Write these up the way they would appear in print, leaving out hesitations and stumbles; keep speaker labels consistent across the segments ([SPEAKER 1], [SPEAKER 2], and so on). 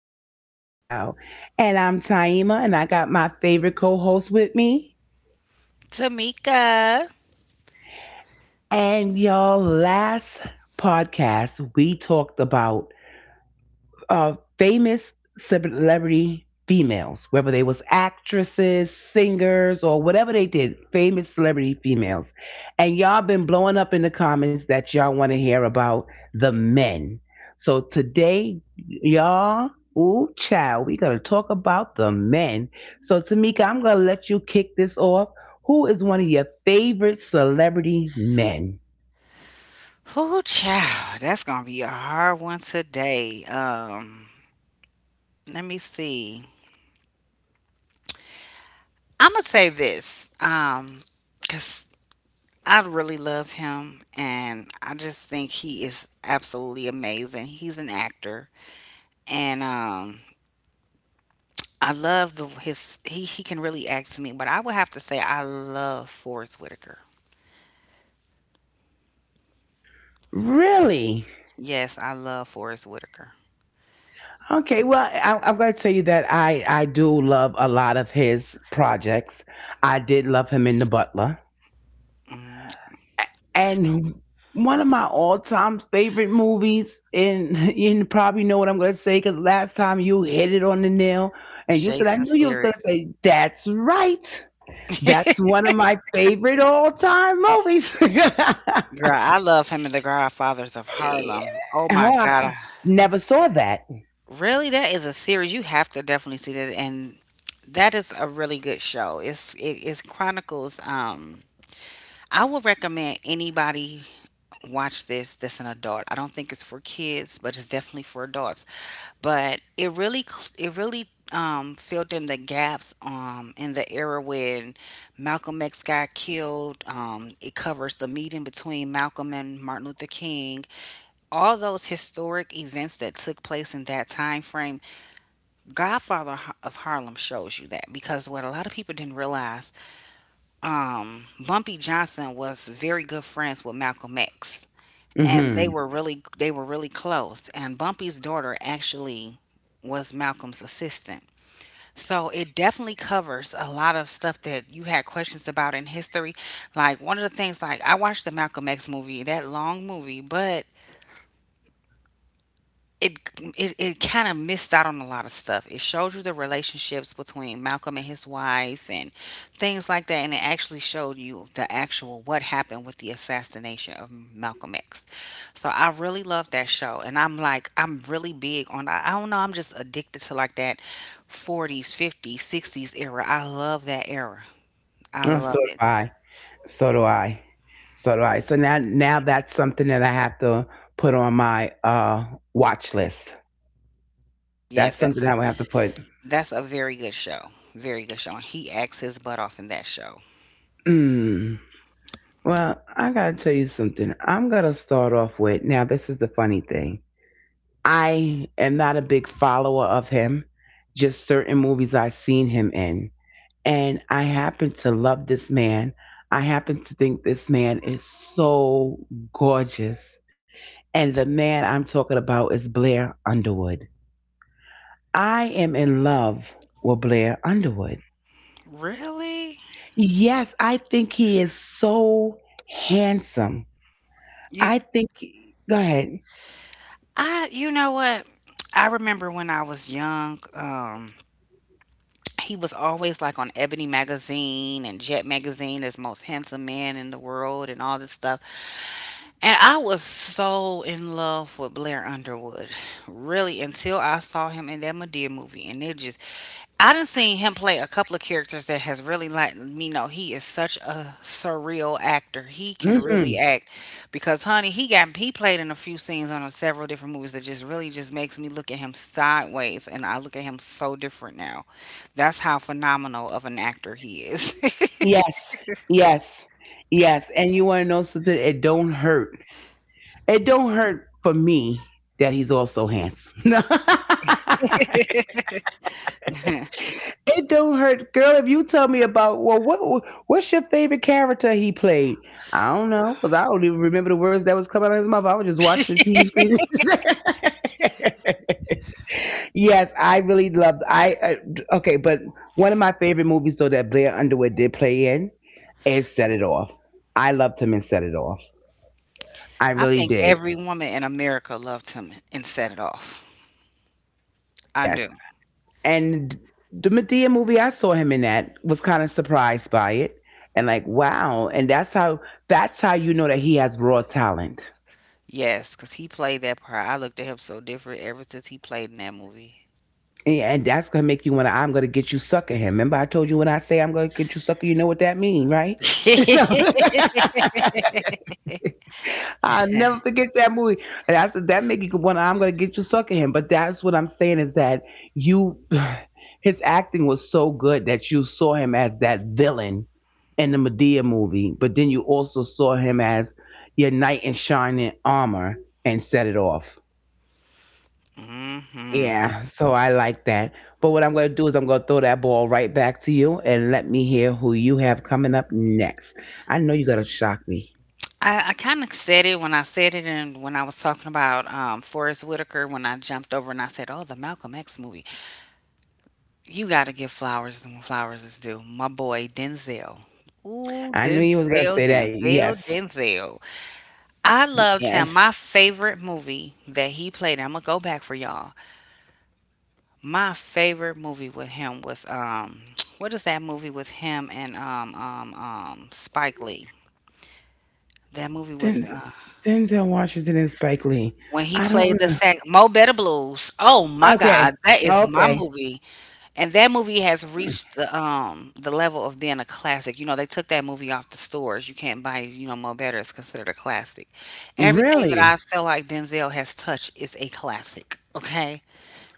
[SPEAKER 1] Ooh, child. And I'm Taima, and I got my favorite co host with me.
[SPEAKER 2] Tamika.
[SPEAKER 1] And y'all, last podcast, we talked about famous celebrity females, whether they was actresses, singers, or whatever they did, famous celebrity females. And y'all been blowing up in the comments that y'all want to hear about the men. So today, y'all, ooh, child, we gonna talk about the men. So Tamika, I'm gonna let you kick this off. Who is one of your favorite celebrity men?
[SPEAKER 2] Whoo, child. That's gonna be a hard one today. Let me see. I'm gonna say this. Cause I really love him, and I just think he is absolutely amazing. He's an actor, and I love the his he can really act to me. But I would have to say I love Forrest Whitaker.
[SPEAKER 1] Really?
[SPEAKER 2] Yes, I love Forrest Whitaker.
[SPEAKER 1] Okay, well, I'm going to tell you that I do love a lot of his projects. I did love him in The Butler,
[SPEAKER 2] Hmm.
[SPEAKER 1] and one of my all time favorite movies. And you probably know what I'm going to say because last time you hit it on the nail, and you said I knew
[SPEAKER 2] Jason's
[SPEAKER 1] you was going
[SPEAKER 2] lyric.
[SPEAKER 1] to say that's right. That's one of my favorite all time movies.
[SPEAKER 2] Girl, I love him in The Godfathers of
[SPEAKER 1] Yeah.
[SPEAKER 2] Harlem. Oh my God.
[SPEAKER 1] Huh.
[SPEAKER 2] I-
[SPEAKER 1] Never saw that.
[SPEAKER 2] really, that is a series. You have to definitely see that. And that is a really good show. It's chronicles. I would recommend anybody watch this that's an adult. I don't think it's for kids, but it's definitely for adults. But it really it really filled in the gaps in the era when Malcolm X got killed. It covers the meeting between Malcolm and Martin Luther King, all those historic events that took place in that time frame. Godfather of Harlem shows you that because what a lot of people didn't realize, bumpy johnson was very good friends with malcolm x, and they
[SPEAKER 1] Mm-hmm.
[SPEAKER 2] were really they were really close, and bumpy's daughter actually was malcolm's assistant. So it definitely covers a lot of stuff that you had questions about in history. Like one of the things, like I watched the malcolm x movie, that long movie, but it it kind of missed out on a lot of stuff. It showed you the relationships between Malcolm and his wife and things like that, and it actually showed you the actual what happened with the assassination of Malcolm X. So I really love that show, and I'm like I'm really big on I don't know, I'm just addicted to like that 40s, 50s, 60s era. I love that era. I
[SPEAKER 1] Oh, so
[SPEAKER 2] love
[SPEAKER 1] did
[SPEAKER 2] it.
[SPEAKER 1] I. So do I. So do I. So now that's something that I have to put on my watch list.
[SPEAKER 2] Yes,
[SPEAKER 1] That's
[SPEAKER 2] that's
[SPEAKER 1] something
[SPEAKER 2] a
[SPEAKER 1] I would have to put.
[SPEAKER 2] that's a very good show. Very good show. And he acts his butt off in that show.
[SPEAKER 1] Mm. Well, I gotta tell you something. I'm gonna start off with now this is the funny thing. I am not a big follower of him, just certain movies I've seen him in. And I happen to love this man. I happen to think this man is so gorgeous. And the man I'm talking about is Blair Underwood. I am in love with Blair Underwood.
[SPEAKER 2] Really?
[SPEAKER 1] Yes, I think he is so handsome.
[SPEAKER 2] You
[SPEAKER 1] I think, go ahead.
[SPEAKER 2] you know what? I remember when I was young, he was always like on Ebony magazine and Jet magazine as most handsome man in the world and all this stuff. And I was so in love with Blair Underwood, really, until I saw him in that Madea movie, and it just I done seen him play a couple of characters that has really let me know he is such a surreal actor. He can
[SPEAKER 1] Hmm.
[SPEAKER 2] really act because, honey, he got he played in a few scenes on a several different movies that just really just makes me look at him sideways, and I look at him so different now. That's how phenomenal of an actor he is.
[SPEAKER 1] Yes, yes, yes. And you want to know something? It don't hurt. It don't hurt for me that he's also handsome.
[SPEAKER 2] I
[SPEAKER 1] It don't hurt, girl. If you tell me about well, what what's your favorite character he played? I don't know because I don't even remember the words that was coming out of his mouth. I was just watching the TV screen. Yes, I really loved. I okay, but one of my favorite movies though that Blair Underwood did play in is Set It Off. I loved him in Set It Off. I really
[SPEAKER 2] think
[SPEAKER 1] did.
[SPEAKER 2] every woman in America loved him and set it off. I
[SPEAKER 1] Yes.
[SPEAKER 2] do.
[SPEAKER 1] And the Medea movie I saw him in, that was kind of surprised by it and like wow, and that's how you know that he has raw talent.
[SPEAKER 2] Yes, because he played that part. I looked at him so different ever since he played in that movie.
[SPEAKER 1] And that's gonna make you wanna I'm gonna get you sucker him. Remember I told you when I say I'm gonna get you sucker, you know what that mean, right? No. I'll never forget that movie. And I said that make you want I'm gonna get you sucker him. But that's what I'm saying is that you his acting was so good that you saw him as that villain in the Medea movie, but then you also saw him as your knight in shining armor and set it off.
[SPEAKER 2] Hmm.
[SPEAKER 1] Yeah, so I like that. But what I'm gonna do is I'm gonna throw that ball right back to you and let me hear who you have coming up next. I know you gotta shock me.
[SPEAKER 2] I kind of said it when I said it, and when I was talking about Forrest Whitaker, when I jumped over and I said, "Oh, the Malcolm X movie." You got to give flowers when flowers is due. My boy Denzel. Ooh,
[SPEAKER 1] I knew you was gonna
[SPEAKER 2] Denzel,
[SPEAKER 1] say that.
[SPEAKER 2] Denzel,
[SPEAKER 1] Yes.
[SPEAKER 2] Denzel. I loved him.
[SPEAKER 1] Yes.
[SPEAKER 2] My favorite movie that he played. I'm gonna go back for y'all. My favorite movie with him was what is that movie with him and Spike Lee? That movie with
[SPEAKER 1] Denzel, Denzel Washington and Spike Lee.
[SPEAKER 2] when he
[SPEAKER 1] I don't
[SPEAKER 2] played the
[SPEAKER 1] remember.
[SPEAKER 2] sax, Mo Better Blues. Oh my
[SPEAKER 1] Okay.
[SPEAKER 2] God, that is my
[SPEAKER 1] Okay.
[SPEAKER 2] movie, and that movie has reached the level of being a classic. You know, they took that movie off the stores. You can't buy, you know, Mo Better is considered a classic. Everything that I
[SPEAKER 1] Really?
[SPEAKER 2] feel like Denzel has touched is a classic, okay?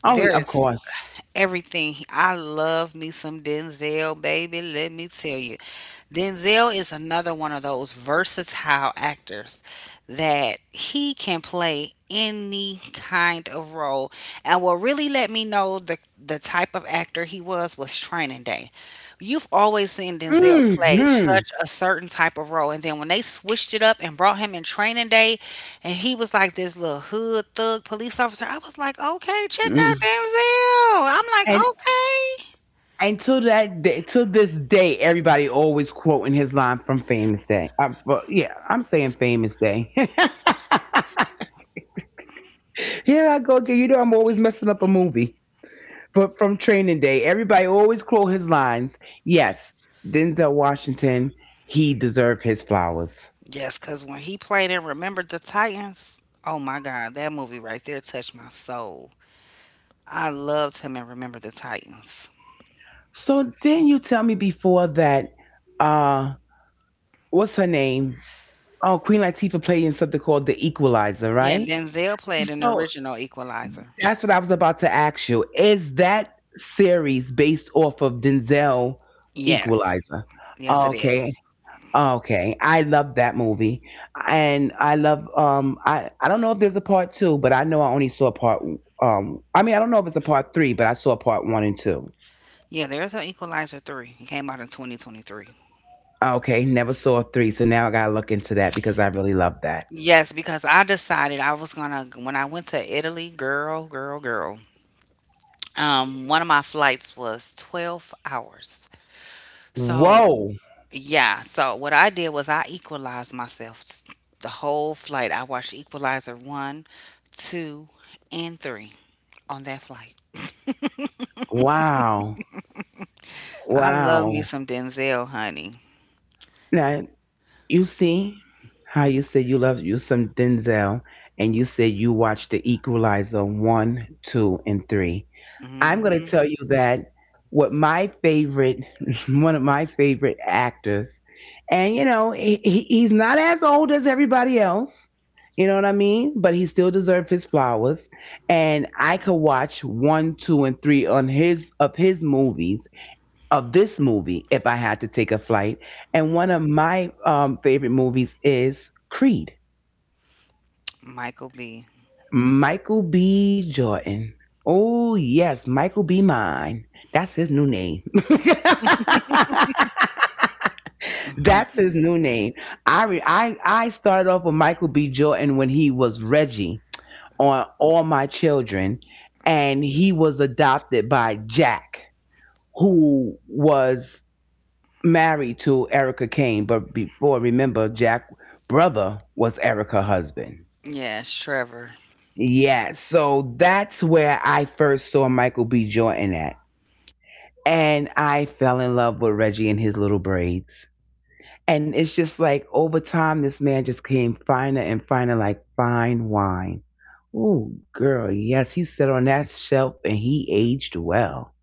[SPEAKER 1] Oh,
[SPEAKER 2] There
[SPEAKER 1] of
[SPEAKER 2] is
[SPEAKER 1] course.
[SPEAKER 2] everything. I love me some Denzel, baby, let me tell you. Denzel is another one of those versatile actors that he can play any kind of role. And what really let me know the type of actor he was Training Day. You've always seen Denzel play
[SPEAKER 1] Mm-hmm.
[SPEAKER 2] such a certain type of role, and then when they switched it up and brought him in Training Day, and he was like this little hood thug police officer, I was like, okay, check out
[SPEAKER 1] Mm.
[SPEAKER 2] Denzel. I'm like,
[SPEAKER 1] And
[SPEAKER 2] okay.
[SPEAKER 1] and to that day, to this day, everybody always quoting his line from Famous Day. I, well, yeah, I'm saying Famous Day. Here I go again. You know I'm always messing up a movie. But from Training Day, everybody always quote his lines. Yes, Denzel Washington, he deserved his flowers.
[SPEAKER 2] Yes, because when he played in Remember the Titans, oh my God, that movie right there touched my soul. I loved him in Remember the Titans.
[SPEAKER 1] So then you tell me before that, uh, what's her name? Oh, Queen Latifah played in something called The Equalizer,
[SPEAKER 2] Yeah,
[SPEAKER 1] right?
[SPEAKER 2] Denzel played in the
[SPEAKER 1] So
[SPEAKER 2] original Equalizer.
[SPEAKER 1] that's what I was about to ask you. Is that series based off of Denzel
[SPEAKER 2] Yes,
[SPEAKER 1] Equalizer?
[SPEAKER 2] yes, it
[SPEAKER 1] Okay.
[SPEAKER 2] is.
[SPEAKER 1] Okay. I love that movie. And I love I don't know if there's a part 2, but I know I only saw part I mean, I don't know if it's a part 3, but I saw part 1 and 2.
[SPEAKER 2] Yeah, there's an Equalizer 3. It came out in 2023.
[SPEAKER 1] Okay, never saw three, so now I gotta look into that because I really love that.
[SPEAKER 2] Yes, because I decided I was gonna, when I went to Italy, girl, girl, girl, one of my flights was 12 hours. So
[SPEAKER 1] Whoa!
[SPEAKER 2] yeah, so what I did was I equalized myself the whole flight. I watched Equalizer 1, 2, and 3 on that flight.
[SPEAKER 1] Wow!
[SPEAKER 2] I love me
[SPEAKER 1] Wow!
[SPEAKER 2] some Denzel, honey.
[SPEAKER 1] Now you see how you said you love you some Denzel, and you said you watched The Equalizer one, two, and three. I'm going to
[SPEAKER 2] Hmm.
[SPEAKER 1] tell you that what my favorite, one of my favorite actors, and you know, he's not as old as everybody else. You know what I mean? But he still deserved his flowers. And I could watch one, two, and three on his of his movies of this movie if I had to take a flight. And one of my favorite movies is Creed.
[SPEAKER 2] Michael B.
[SPEAKER 1] Michael B. Jordan. Oh, yes, Michael B. Mine. That's his new name. That's his
[SPEAKER 2] Mhm.
[SPEAKER 1] new name. I, re- I started off with Michael B. Jordan when he was Reggie on All My Children, and he was adopted by Jack, who was married to Erica Kane. But before, remember, Jack brother was Erica husband.
[SPEAKER 2] Yes, Trevor.
[SPEAKER 1] Yeah, so that's where I first saw Michael B. Jordan at. And I fell in love with Reggie and his little braids. And it's just like over time, this man just came finer and finer, like fine wine. Ooh, girl, yes, he sat on that shelf and he aged well.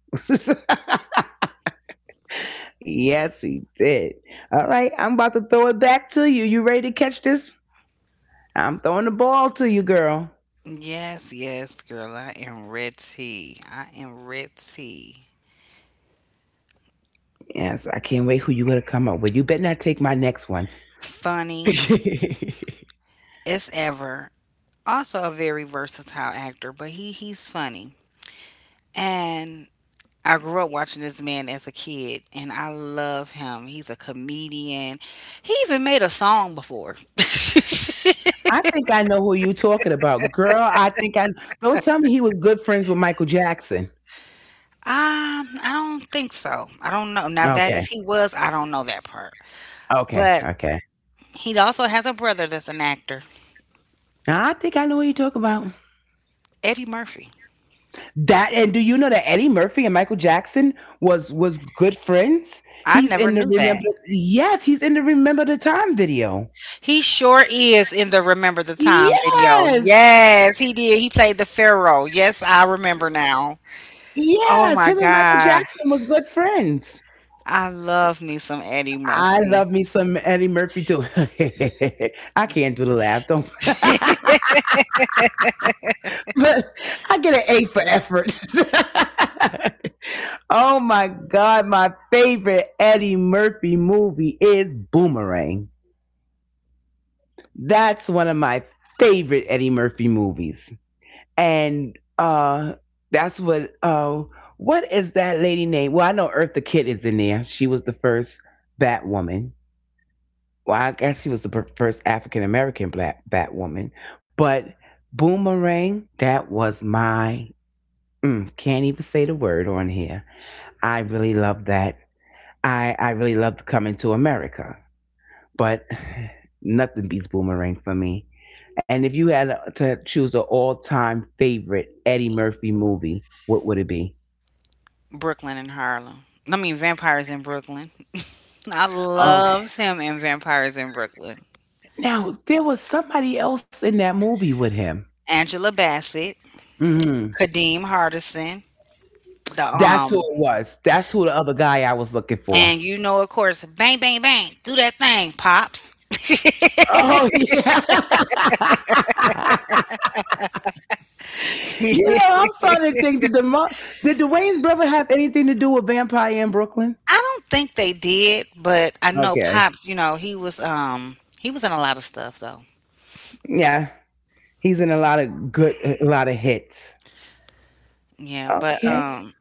[SPEAKER 1] Yes, he did. All right, I'm about to throw it back to you. You ready to catch this? I'm throwing the ball to you, girl.
[SPEAKER 2] Yes, yes, girl. I am red tea. I am red tea.
[SPEAKER 1] Yes, I can't wait who you gonna come up with. You better not take my next one.
[SPEAKER 2] Funny
[SPEAKER 1] I
[SPEAKER 2] as ever. Also a very versatile actor, but he he's funny. And I grew up watching this man as a kid and I love him. He's a comedian. He even made a song before.
[SPEAKER 1] I know who you talking about, girl. I think I don't tell me he was good friends with Michael Jackson.
[SPEAKER 2] I don't think so. I don't know. Now that
[SPEAKER 1] Okay,
[SPEAKER 2] if he was, I don't know that part.
[SPEAKER 1] okay,
[SPEAKER 2] But
[SPEAKER 1] okay.
[SPEAKER 2] he also has a brother that's an actor,
[SPEAKER 1] I think I know what you talk about.
[SPEAKER 2] Eddie Murphy.
[SPEAKER 1] That and do you know that Eddie Murphy and Michael Jackson was good friends?
[SPEAKER 2] I
[SPEAKER 1] He's
[SPEAKER 2] never
[SPEAKER 1] in the
[SPEAKER 2] knew
[SPEAKER 1] remember.
[SPEAKER 2] that.
[SPEAKER 1] Yes, he's in the remember the time video.
[SPEAKER 2] He sure is in the Remember the Time video.
[SPEAKER 1] Yes,
[SPEAKER 2] Yes, he did. He played the Pharaoh. Yes, I remember now. Oh
[SPEAKER 1] yes.
[SPEAKER 2] my
[SPEAKER 1] Him and Michael
[SPEAKER 2] God.
[SPEAKER 1] Jackson was good friends.
[SPEAKER 2] I love me some Eddie
[SPEAKER 1] I
[SPEAKER 2] Murphy.
[SPEAKER 1] love me some Eddie Murphy too. I can't do the laugh. Don't. But I get an A for effort. Oh my God, my favorite Eddie Murphy movie is Boomerang. That's one of my favorite Eddie Murphy movies. And that's what is that lady name? Well, I know Eartha Kitt is in there. She was the first Batwoman. Well, I guess she was the first African American black Batwoman. But Boomerang, that was my Mm, can't even say the word on here. I really love that. I really loved coming to America, but nothing beats Boomerang for me. And if you had to choose an all time favorite Eddie Murphy movie, what would it be?
[SPEAKER 2] Brooklyn and Harlem. I mean, Vampires in Brooklyn. I
[SPEAKER 1] Okay.
[SPEAKER 2] loves him in Vampires in Brooklyn.
[SPEAKER 1] Now, there was somebody else in that movie with him.
[SPEAKER 2] Angela Bassett,
[SPEAKER 1] Hmm.
[SPEAKER 2] Kadeem Hardison, the
[SPEAKER 1] That's who it was. That's who the other guy I was looking for.
[SPEAKER 2] and you know, of course, bang, bang, bang, do that thing, pops. I
[SPEAKER 1] Oh, yeah. You know, I'm starting to think did the did the Wayne's brother have anything to do with Vampire in Brooklyn?
[SPEAKER 2] don't think they did, but I know
[SPEAKER 1] Okay,
[SPEAKER 2] Pops, you know, he was in a lot of stuff though.
[SPEAKER 1] yeah, he's in a lot of good, a lot of hits.
[SPEAKER 2] Yeah, but
[SPEAKER 1] Okay,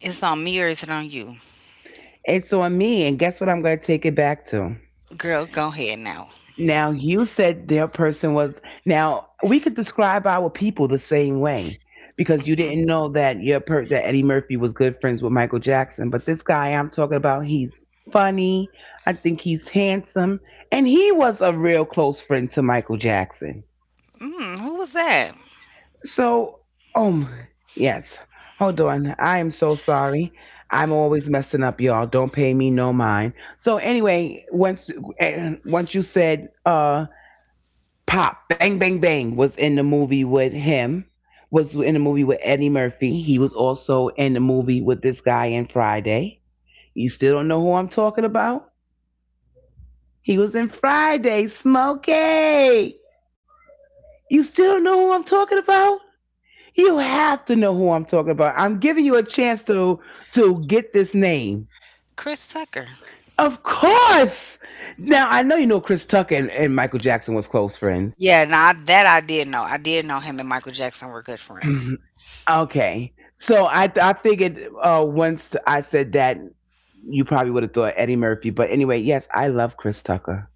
[SPEAKER 2] it's on me or is it on you?
[SPEAKER 1] it's on me, and guess what? I'm going to take it back to.
[SPEAKER 2] Girl, go ahead now.
[SPEAKER 1] Now you said their person was now we could describe our people the same way because you
[SPEAKER 2] Hmm.
[SPEAKER 1] didn't know that your that Eddie Murphy was good friends with Michael Jackson, but this guy I'm talking about, he's funny. I think he's handsome, and he was a real close friend to Michael Jackson.
[SPEAKER 2] Mm, who was that?
[SPEAKER 1] So, um, yes. Hold on. I am so sorry. I'm always messing up, y'all. Don't pay me no mind. So anyway, once once you said Pop Bang Bang Bang was in the movie with him. Was in the movie with Eddie Murphy. He was also in the movie with this guy in Friday. You still don't know who I'm talking about? He was in Friday, Smokey. You still don't know who I'm talking about? You have to know who I'm talking about. I'm giving you a chance to get this name.
[SPEAKER 2] Chris Tucker.
[SPEAKER 1] Of course. Now I know you know Chris Tucker and Michael Jackson was close friends.
[SPEAKER 2] Yeah, now I that I did know. I did know him and Michael Jackson were good friends.
[SPEAKER 1] Okay. So I figured once I said that you probably would have thought Eddie Murphy, but anyway, yes, I love Chris Tucker.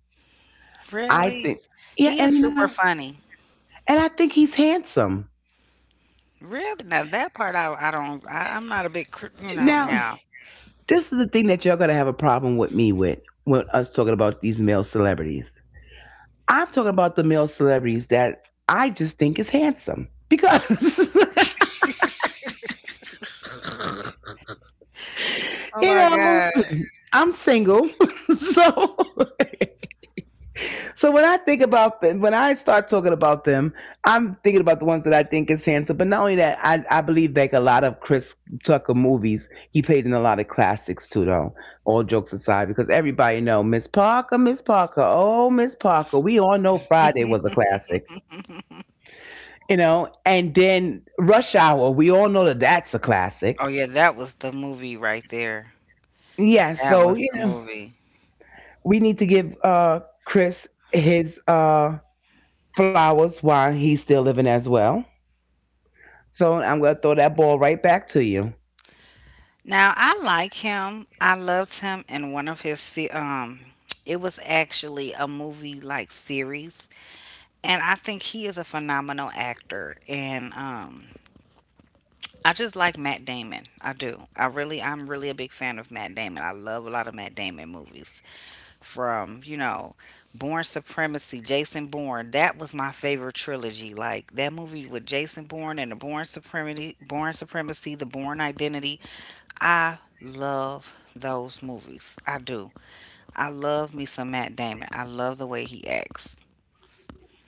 [SPEAKER 1] I
[SPEAKER 2] Really?
[SPEAKER 1] think yeah,
[SPEAKER 2] He is
[SPEAKER 1] and you
[SPEAKER 2] super
[SPEAKER 1] know,
[SPEAKER 2] funny.
[SPEAKER 1] and I think he's handsome.
[SPEAKER 2] Really? Now that part I don't I, I'm not a big you know
[SPEAKER 1] Now,
[SPEAKER 2] now.
[SPEAKER 1] this is the thing that you're gonna have a problem with me with when us talking about these male celebrities. I'm talking about the male celebrities that I just think is handsome because
[SPEAKER 2] Oh
[SPEAKER 1] you
[SPEAKER 2] my
[SPEAKER 1] know
[SPEAKER 2] God.
[SPEAKER 1] I'm single, so so when I think about them, when I start talking about them, I'm thinking about the ones that I think is handsome. But not only that, I believe like a lot of Chris Tucker movies, he played in a lot of classics too, though. All jokes aside, because everybody know Miss Parker. We all know Friday was a classic, And then Rush Hour, we all know that that's a classic.
[SPEAKER 2] Oh yeah, that was the movie right there.
[SPEAKER 1] Yeah,
[SPEAKER 2] That
[SPEAKER 1] so
[SPEAKER 2] was the movie.
[SPEAKER 1] we need to give Chris his flowers while he's still living as well. So I'm gonna throw that ball right back to you.
[SPEAKER 2] Now I like him. I loved him in one of his it was actually a movie like series, and I think he is a phenomenal actor, and I just like Matt Damon. I do. I'm really a big fan of Matt Damon. I love a lot of Matt Damon movies. From, you know, Born Supremacy, Jason Bourne. That was my favorite trilogy. Like that movie with Jason Bourne and the Born Supremacy, the Born Identity. I love those movies. I do. I love me some Matt Damon. I love the way he acts.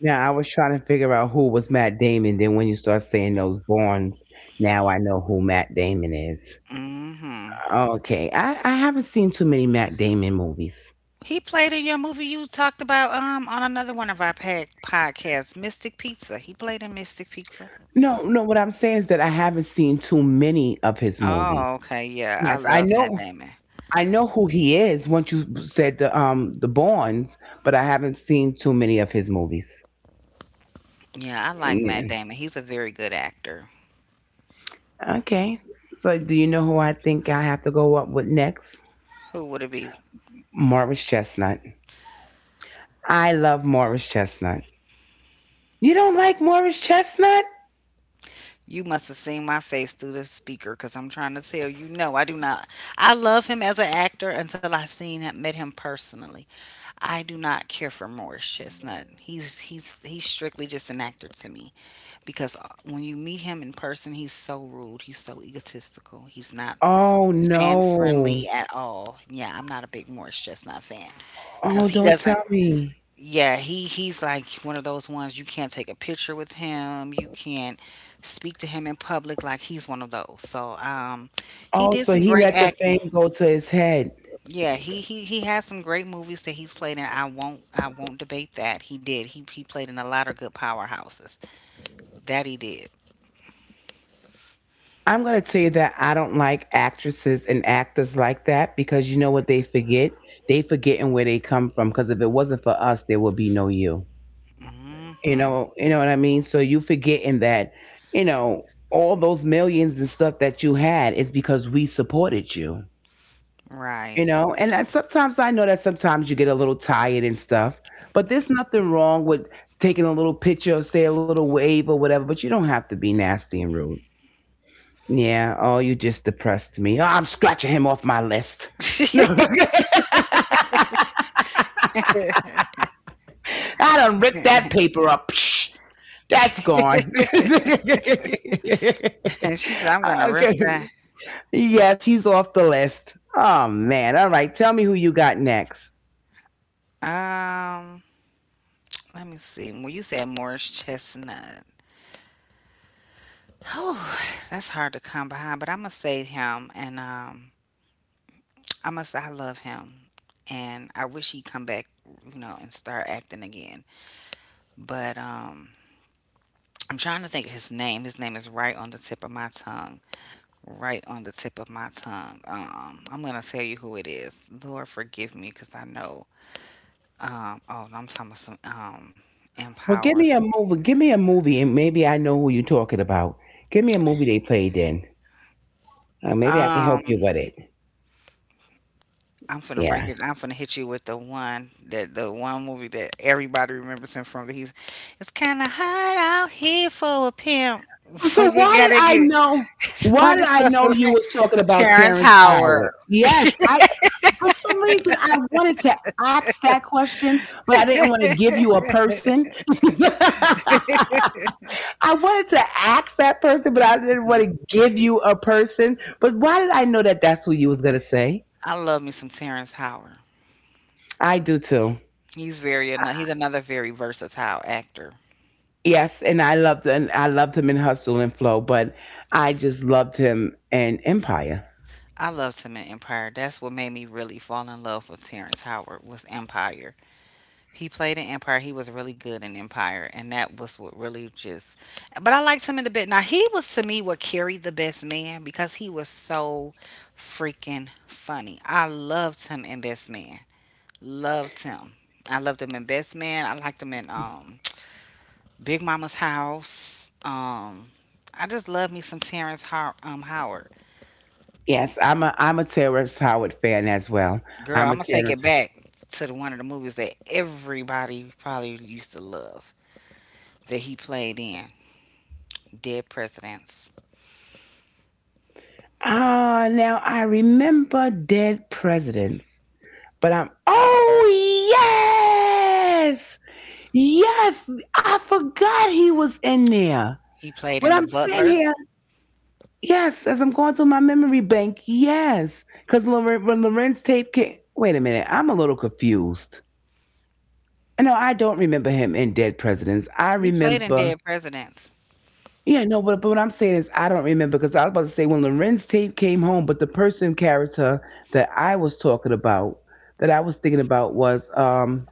[SPEAKER 1] Now I was trying to figure out who was Matt Damon. Then when you start saying those Bournes, now I know who Matt Damon is.
[SPEAKER 2] Mm hmm.
[SPEAKER 1] Okay, I haven't seen too many Matt Damon movies.
[SPEAKER 2] He played in your movie you talked about on another one of our podcasts, Mystic Pizza. He played in Mystic Pizza.
[SPEAKER 1] No, no, what I'm saying is that I haven't seen too many of his movies.
[SPEAKER 2] Oh, okay. Yeah, I
[SPEAKER 1] Yes, I
[SPEAKER 2] love Matt
[SPEAKER 1] know.
[SPEAKER 2] Damon.
[SPEAKER 1] I know who he is. Once you said the Bournes, but I haven't seen too many of his movies.
[SPEAKER 2] Yeah, I like Matt
[SPEAKER 1] Yeah.
[SPEAKER 2] Damon. He's a very good actor.
[SPEAKER 1] Okay. So do you know who I think I have to go up with next?
[SPEAKER 2] Who would it be?
[SPEAKER 1] Morris Chestnut. I love Morris Chestnut. You don't like Morris Chestnut?
[SPEAKER 2] You must have seen my face through the speaker because I'm trying to tell you, no, I do not. I love him as an actor until I seen him, met him personally. I do not care for Morris Chestnut. He's strictly just an actor to me, because when you meet him in person, he's so rude. He's so egotistical. He's not
[SPEAKER 1] Oh
[SPEAKER 2] fan
[SPEAKER 1] no.
[SPEAKER 2] friendly at all. Yeah, I'm not a big Morris Chestnut fan because
[SPEAKER 1] Oh,
[SPEAKER 2] he
[SPEAKER 1] don't
[SPEAKER 2] doesn't.
[SPEAKER 1] tell me.
[SPEAKER 2] Yeah, he's like one of those ones you can't take a picture with him. You can't speak to him in public. Like he's one of those. So he
[SPEAKER 1] Oh,
[SPEAKER 2] did
[SPEAKER 1] so
[SPEAKER 2] some
[SPEAKER 1] he
[SPEAKER 2] great
[SPEAKER 1] let the
[SPEAKER 2] acting.
[SPEAKER 1] fame go to his head.
[SPEAKER 2] Yeah, he has some great movies that he's played in. I won't debate that he did. He played in a lot of good powerhouses. That he did.
[SPEAKER 1] I'm going to tell you that I don't like actresses and actors like that, because you know what they forget? They forgetting where they come from, because if it wasn't for us, there would be no you.
[SPEAKER 2] Hmm.
[SPEAKER 1] You know what I mean? So you forgetting that, all those millions and stuff that you had is because we supported you. You
[SPEAKER 2] Right.
[SPEAKER 1] know, and that sometimes I know that sometimes you get a little tired and stuff, but there's nothing wrong with taking a little picture or say a little wave or whatever, but you don't have to be nasty and rude. Yeah, oh, you just depressed me. Oh, I'm scratching him off my list. No, I done ripped that paper up. Psh, that's gone.
[SPEAKER 2] and she said, I'm gonna rip
[SPEAKER 1] Okay,
[SPEAKER 2] that.
[SPEAKER 1] yes, he's off the list. Oh man, all right, tell me who you got next.
[SPEAKER 2] Um, let me see. Well, you said Morris Chestnut. Whew, that's hard to come behind, but I'm gonna say him, and I must say I love him, and I wish he'd come back, you know, and start acting again. But I'm trying to think of his name. His name is right on the tip of my tongue. Right on the tip of my tongue. I'm gonna tell you who it is. Lord, forgive me, cause I know oh, no, I'm talking about some
[SPEAKER 1] Well, give
[SPEAKER 2] Empower.
[SPEAKER 1] me a movie. Give me a movie, and maybe I know who you're talking about. Give me a movie they played in. Maybe I can
[SPEAKER 2] Um,
[SPEAKER 1] help you with it.
[SPEAKER 2] I'm finna break
[SPEAKER 1] Yeah.
[SPEAKER 2] it. I'm finna hit you with the one that the one movie that everybody remembers him from. That he's It's kind of hard out here for a pimp
[SPEAKER 1] So
[SPEAKER 2] when you
[SPEAKER 1] why did
[SPEAKER 2] gotta
[SPEAKER 1] I know?
[SPEAKER 2] get
[SPEAKER 1] Why
[SPEAKER 2] money
[SPEAKER 1] did I
[SPEAKER 2] for
[SPEAKER 1] know
[SPEAKER 2] the
[SPEAKER 1] you
[SPEAKER 2] rent.
[SPEAKER 1] was talking about
[SPEAKER 2] Terrence
[SPEAKER 1] Terrence Howard?
[SPEAKER 2] Howard.
[SPEAKER 1] Yes, I, for some reason I wanted to ask that question, but I didn't want to give you a person. I wanted to ask that person, but I didn't
[SPEAKER 2] Mhm.
[SPEAKER 1] want to give you a person. But why did I know that that's who you was gonna say?
[SPEAKER 2] I love me some Terrence Howard.
[SPEAKER 1] I do too.
[SPEAKER 2] He's he's another very versatile actor.
[SPEAKER 1] Yes, and I loved him in Hustle and Flow, but I just loved him in Empire.
[SPEAKER 2] I loved him in Empire. That's what made me really fall in love with Terrence Howard, was Empire. He played in Empire. He was really good in Empire, and that was what really just. But I liked him in the bit. Now he was, to me, what carried The Best Man, because he was so freaking funny. I loved him in Best Man. Loved him. I loved him in Best Man. I liked him in Big Mama's House. I just love me some Howard.
[SPEAKER 1] Yes, I'm a Terrence Howard fan as well.
[SPEAKER 2] Girl,
[SPEAKER 1] I'm
[SPEAKER 2] I'm
[SPEAKER 1] a
[SPEAKER 2] gonna take
[SPEAKER 1] Terrence.
[SPEAKER 2] it back to the one of the movies that everybody probably used to love that he played in, Dead Presidents.
[SPEAKER 1] Ah, now I remember Dead Presidents, but I'm oh yes, yes, I forgot he was in there.
[SPEAKER 2] He played
[SPEAKER 1] When
[SPEAKER 2] in The
[SPEAKER 1] I'm sitting
[SPEAKER 2] Butler.
[SPEAKER 1] here, yes, as I'm going through my memory bank, yes, because when Lorenz tape came. Wait a minute, I'm a little confused. No, I don't remember him in Dead Presidents. I
[SPEAKER 2] He played in
[SPEAKER 1] remember.
[SPEAKER 2] Dead Presidents.
[SPEAKER 1] Yeah, no, but what I'm saying is I don't remember, because I was about to say when Lorenz tape came home, but the person character that I was talking about, that I was thinking about was,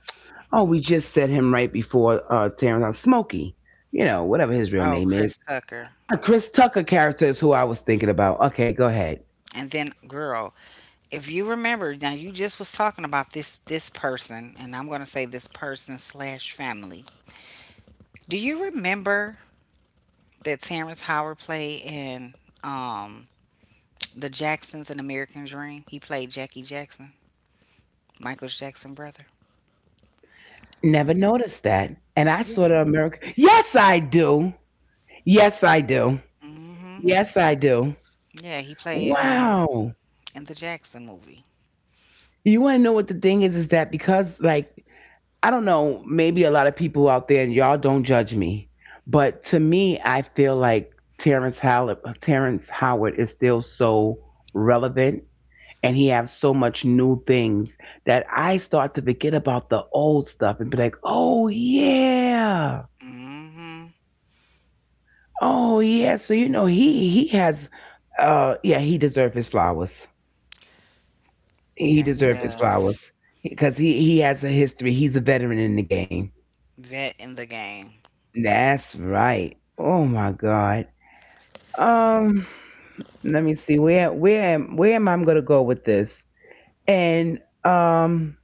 [SPEAKER 1] oh, we just said him right before Terrence on Smokey, you know, whatever his real
[SPEAKER 2] Oh,
[SPEAKER 1] name is.
[SPEAKER 2] Chris Tucker.
[SPEAKER 1] A Chris Tucker character is who I was thinking about. Okay, go ahead.
[SPEAKER 2] And then, girl, if you remember, now you just was talking about this person, and I'm gonna say this person slash family. Do you remember that Terrence Howard played in um The Jacksons and American Dream? He played Jackie Jackson, Michael Jackson brother.
[SPEAKER 1] Never noticed that. And I
[SPEAKER 2] Yeah.
[SPEAKER 1] saw the American. Yes, I do. Yes, I do.
[SPEAKER 2] mm hmm
[SPEAKER 1] Yes, I do.
[SPEAKER 2] Yeah, he played
[SPEAKER 1] Wow.
[SPEAKER 2] in the Jackson movie.
[SPEAKER 1] You want to know what the thing is? Is that because, like, I don't know, maybe a lot of people out there, and y'all don't judge me, but to me, I feel like Terrence Howard is still so relevant, and he has so much new things that I start to forget about the old stuff and be like, oh yeah,
[SPEAKER 2] Mm hmm
[SPEAKER 1] oh yeah. So you know, he has, yeah, he deserved his flowers. He
[SPEAKER 2] Yeah, he
[SPEAKER 1] deserved his
[SPEAKER 2] does.
[SPEAKER 1] flowers because he has a history. He's a veteran in the game.
[SPEAKER 2] Vet in the game.
[SPEAKER 1] That's right. Oh my God. Um, let me see. Where am I gonna go with this? And um,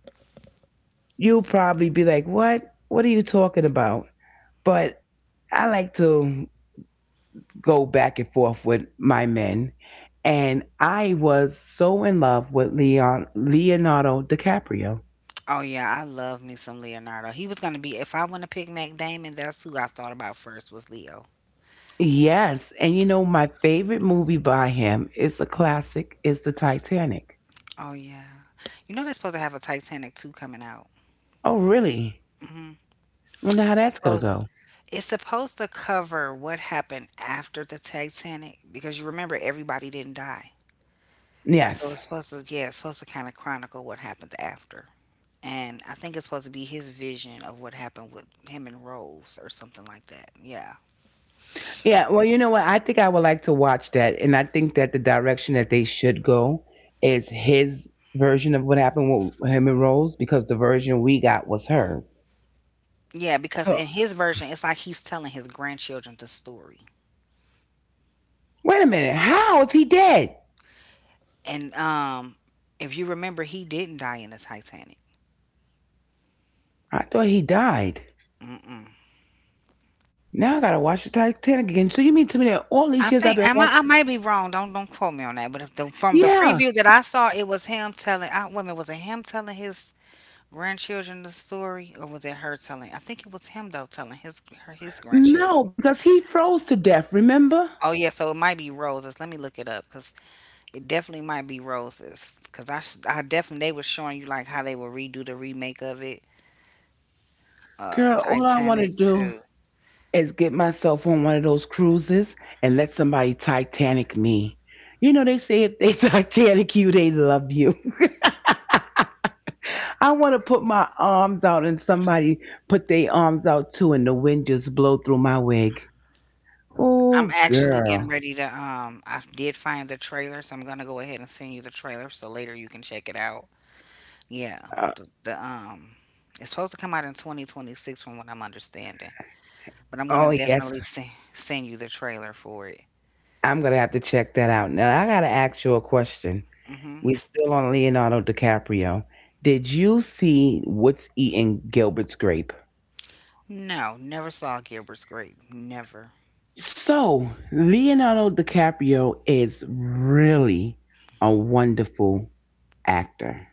[SPEAKER 1] you'll probably be like, what? What are you talking about? But I like to go back and forth with my men. And I was so in love with Leonardo DiCaprio.
[SPEAKER 2] Oh yeah, I love me some Leonardo. He was gonna be, if I want to pick Mac Damon, that's who I thought about first, was Leo.
[SPEAKER 1] Yes, and you know my favorite movie by him is a classic, is the Titanic.
[SPEAKER 2] Oh yeah, you know they're supposed to have a Titanic two coming out.
[SPEAKER 1] Oh really?
[SPEAKER 2] Hmm.
[SPEAKER 1] I wonder how that's gonna go.
[SPEAKER 2] It's supposed to cover what happened after the Titanic, because you remember everybody didn't die, so
[SPEAKER 1] Yes.
[SPEAKER 2] it's supposed to, yeah, it's supposed to kind of chronicle what happened after. And I think it's supposed to be his vision of what happened with him and Rose or something like that. Yeah.
[SPEAKER 1] Yeah. Well, you know what? I think I would like to watch that. And I think that the direction that they should go is his version of what happened with him and Rose, because the version we got was hers.
[SPEAKER 2] Yeah, because
[SPEAKER 1] So,
[SPEAKER 2] in his version, it's like he's telling his grandchildren the story.
[SPEAKER 1] wait a minute. How if he dead?
[SPEAKER 2] And if you remember, he didn't die in the Titanic.
[SPEAKER 1] I thought he died.
[SPEAKER 2] Mm-mm.
[SPEAKER 1] Now I gotta watch the Titanic again. So you mean to me that all
[SPEAKER 2] I
[SPEAKER 1] these years
[SPEAKER 2] think
[SPEAKER 1] I've been
[SPEAKER 2] I
[SPEAKER 1] watching?
[SPEAKER 2] might be wrong. Don't quote me on that. But if the, from the
[SPEAKER 1] Yeah.
[SPEAKER 2] preview that I saw, it was him telling. Wait a minute, was it him telling his grandchildren the story, or was it her telling? I think it was him, though, telling his her his grandchildren.
[SPEAKER 1] No, because he froze to death, remember?
[SPEAKER 2] Oh yeah, so it might be roses. Let me look it up, because it definitely might be roses. Because I definitely, they were showing you like how they would redo the remake of it,
[SPEAKER 1] Girl, all I want to
[SPEAKER 2] Titanic
[SPEAKER 1] do
[SPEAKER 2] too.
[SPEAKER 1] is get myself on one of those cruises and let somebody Titanic me. You know, they say if they Titanic you, they love you. I want to put my arms out and somebody put their arms out too, and the wind just blow through my wig.
[SPEAKER 2] I'm
[SPEAKER 1] Oh,
[SPEAKER 2] actually getting
[SPEAKER 1] girl.
[SPEAKER 2] ready to I did find the trailer, so I'm gonna go ahead and send you the trailer so later you can check it out. Yeah.
[SPEAKER 1] Uh,
[SPEAKER 2] The it's supposed to come out in 2026, from what I'm understanding. But I'm
[SPEAKER 1] oh,
[SPEAKER 2] gonna
[SPEAKER 1] yes.
[SPEAKER 2] definitely send you the trailer for it.
[SPEAKER 1] I'm going to have to check that out. Now, I got to ask you a question.
[SPEAKER 2] Mm-hmm.
[SPEAKER 1] We still on Leonardo DiCaprio. Did you see What's Eating Gilbert's Grape?
[SPEAKER 2] No, never saw Gilbert's Grape. Never.
[SPEAKER 1] So, Leonardo DiCaprio is really a wonderful actor.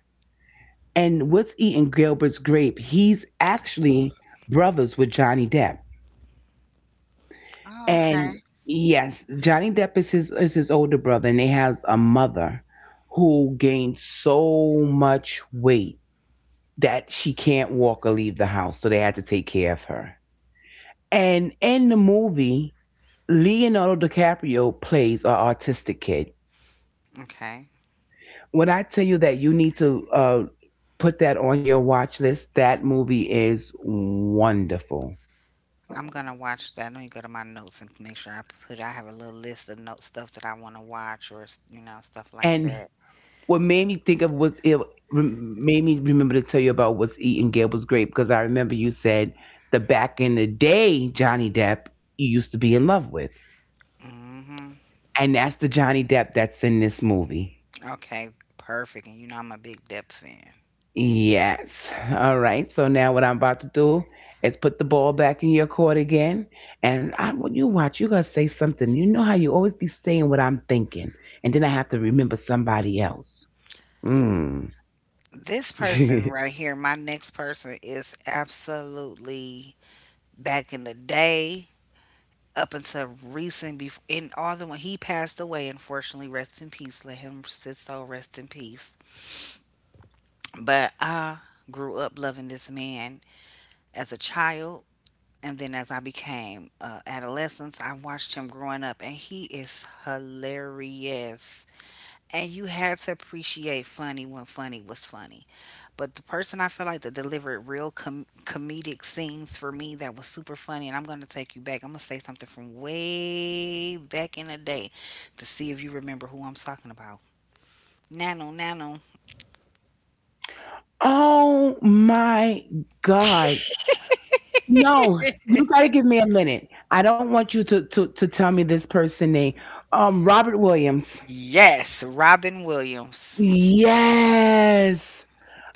[SPEAKER 1] And what's eating Gilbert's grape? He's actually brothers with Johnny Depp.
[SPEAKER 2] Oh, okay.
[SPEAKER 1] And yes, Johnny Depp is his older brother, and they have a mother who gained so much weight that she can't walk or leave the house, so they had to take care of her. And in the movie, Leonardo DiCaprio plays an autistic kid.
[SPEAKER 2] Okay.
[SPEAKER 1] When I tell you that you need to put that on your watch list, that movie is wonderful.
[SPEAKER 2] I'm gonna watch that. Let me go to my notes and make sure I put, I have a little list of note stuff that I wanna watch you know, stuff like
[SPEAKER 1] And
[SPEAKER 2] that.
[SPEAKER 1] what made me think of, was it made me remember to tell you about what's eating Gable's grape, because I remember you said the back in the day Johnny Depp you used to be in love with,
[SPEAKER 2] Mm-hmm.
[SPEAKER 1] and that's the Johnny Depp that's in this movie.
[SPEAKER 2] Okay, perfect. And you know I'm a big Depp fan.
[SPEAKER 1] Yes. All right. So now what I'm about to do is put the ball back in your court again. And I, when you watch, you're going to say something. You know how you always be saying what I'm thinking. And then I have to remember somebody else. Mm.
[SPEAKER 2] This person right here, my next person, is absolutely back in the day, up until recent, before, and all the when he passed away, unfortunately, rest in peace. Let him sit so rest in peace. But I grew up loving this man as a child. And then as I became adolescence, I watched him growing up, and he is hilarious. And you had to appreciate funny when funny was funny. But the person I feel like that delivered real comedic scenes for me that was super funny, and I'm going to take you back. I'm going to say something from way back in the day to see if you remember who I'm talking about. Nano, Nano.
[SPEAKER 1] Oh my God. No, you got to give me a minute. I don't want you to, to tell me this person name. Robert Williams.
[SPEAKER 2] Yes, Robin Williams.
[SPEAKER 1] Yes.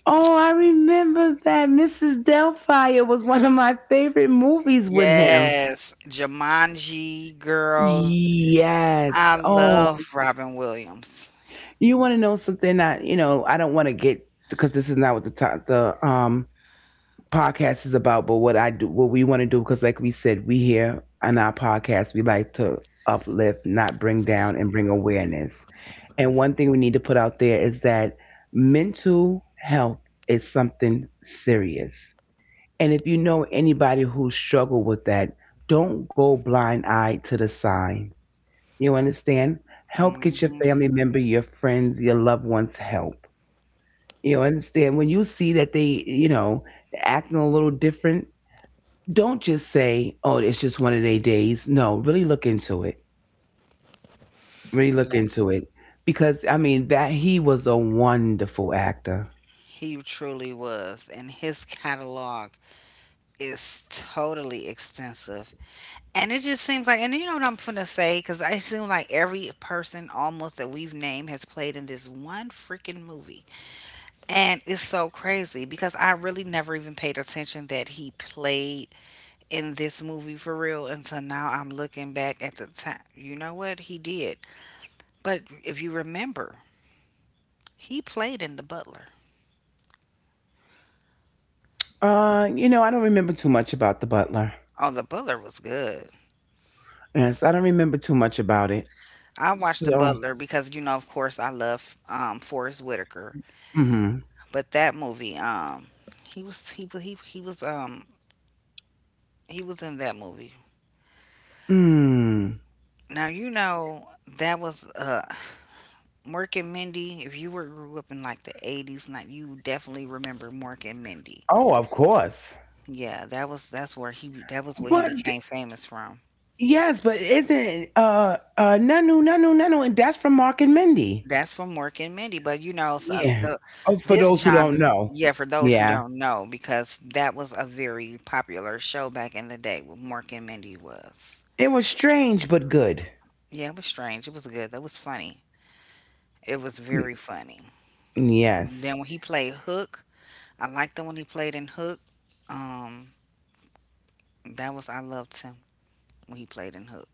[SPEAKER 1] Oh, I remember that Mrs. Doubtfire was one of my favorite movies with him.
[SPEAKER 2] Yes, Jumanji girl.
[SPEAKER 1] Yes.
[SPEAKER 2] I
[SPEAKER 1] Oh,
[SPEAKER 2] love Robin Williams.
[SPEAKER 1] you want to know something that, you know, I don't want to get because this is not what the podcast is about, but what I do what we want to do, because like we said, we here on our podcast, we like to uplift, not bring down and bring awareness. And one thing we need to put out there is that mental health is something serious. And if you know anybody who struggled with that, don't go blind eyed to the sign. You understand? Help get your
[SPEAKER 2] Hmm.
[SPEAKER 1] family member, your friends, your loved ones help. You understand? When you see that they, you know, acting a little different, don't just say, oh, it's just one of their days. No, really look into it. Really look
[SPEAKER 2] Yeah,
[SPEAKER 1] into it. Because, I mean, that he was a wonderful actor.
[SPEAKER 2] he truly was, and his catalog is totally extensive. And it just seems like, and you know what I'm finna say? Because I seem like every person almost that we've named has played in this one freaking movie. And it's so crazy because I really never even paid attention that he played in this movie for real until now I'm looking back at the time. You know what? He did. But if you remember, he played in The Butler.
[SPEAKER 1] You know, I don't remember too much about The Butler.
[SPEAKER 2] Oh, The Butler was good.
[SPEAKER 1] Yes, I don't remember too much about it.
[SPEAKER 2] I watched The
[SPEAKER 1] So,
[SPEAKER 2] Butler because, you know, of course, I love Forrest Whitaker.
[SPEAKER 1] mhm.
[SPEAKER 2] But that movie, he was he was he was in that movie.
[SPEAKER 1] Mm.
[SPEAKER 2] Now you know that was Mork and Mindy. If you were grew up in like the 80s, like you definitely remember Mork and Mindy.
[SPEAKER 1] Oh, of course.
[SPEAKER 2] Yeah, that was that was what he
[SPEAKER 1] But
[SPEAKER 2] became famous from.
[SPEAKER 1] yes, but isn't Nanu Nanu Nanu, and that's from Mark and Mindy.
[SPEAKER 2] That's from Mork and Mindy. But you know, so
[SPEAKER 1] Yeah.
[SPEAKER 2] the
[SPEAKER 1] Oh, for
[SPEAKER 2] this
[SPEAKER 1] those who
[SPEAKER 2] genre.
[SPEAKER 1] don't know.
[SPEAKER 2] Yeah, for those who
[SPEAKER 1] Yeah.
[SPEAKER 2] don't know, because that was a very popular show back in the day. What Mork and Mindy was.
[SPEAKER 1] It was strange but good.
[SPEAKER 2] Yeah, it was strange. It was good. That was funny. It was
[SPEAKER 1] Mm,
[SPEAKER 2] very funny. And
[SPEAKER 1] yes.
[SPEAKER 2] then when he played Hook, I liked him when he played in Hook. Um, that was, I loved him when he played in Hook.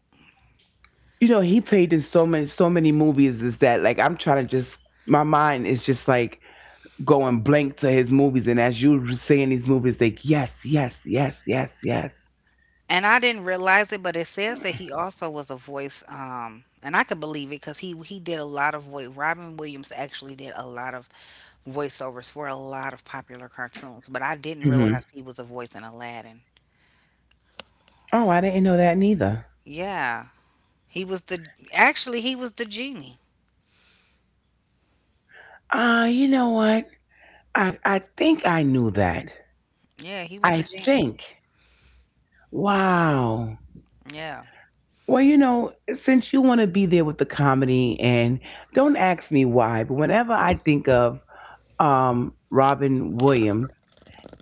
[SPEAKER 1] You know, he played in so many movies, is that like I'm trying to just my mind is just like going blank to his movies, and as you were saying these movies like yes, yes, yes, yes, yes.
[SPEAKER 2] And I didn't realize it, but it says that he also was a voice. And I could believe it, because he did a lot of voice. Robin Williams actually did a lot of voiceovers for a lot of popular cartoons, but I didn't
[SPEAKER 1] Hmm.
[SPEAKER 2] realize he was a voice in Aladdin.
[SPEAKER 1] Oh, I didn't know that neither.
[SPEAKER 2] Yeah, he was the, actually he was the genie.
[SPEAKER 1] You know what? I think I knew that.
[SPEAKER 2] Yeah, he was the
[SPEAKER 1] I
[SPEAKER 2] genie.
[SPEAKER 1] think. Wow.
[SPEAKER 2] Yeah,
[SPEAKER 1] Well, you know, since you want to be there with the comedy, and don't ask me why, but whenever I think of Robin Williams,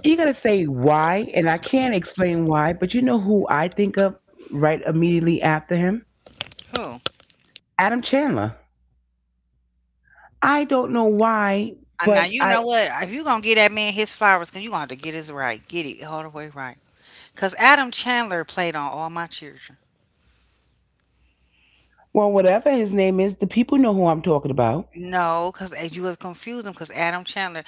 [SPEAKER 1] you're going to say why, and I can't explain why, but you know who I think of right immediately after him?
[SPEAKER 2] who?
[SPEAKER 1] Adam Chandler. I don't know why,
[SPEAKER 2] And now
[SPEAKER 1] but
[SPEAKER 2] you
[SPEAKER 1] I,
[SPEAKER 2] know what? If you gonna get that man his flowers, cause you gonna have to get his right, get it all the way right. Cause Adam Chandler played on All My Children.
[SPEAKER 1] well, whatever his name is, the people know who I'm talking about.
[SPEAKER 2] No, cause as you was confusing, cause Adam Chandler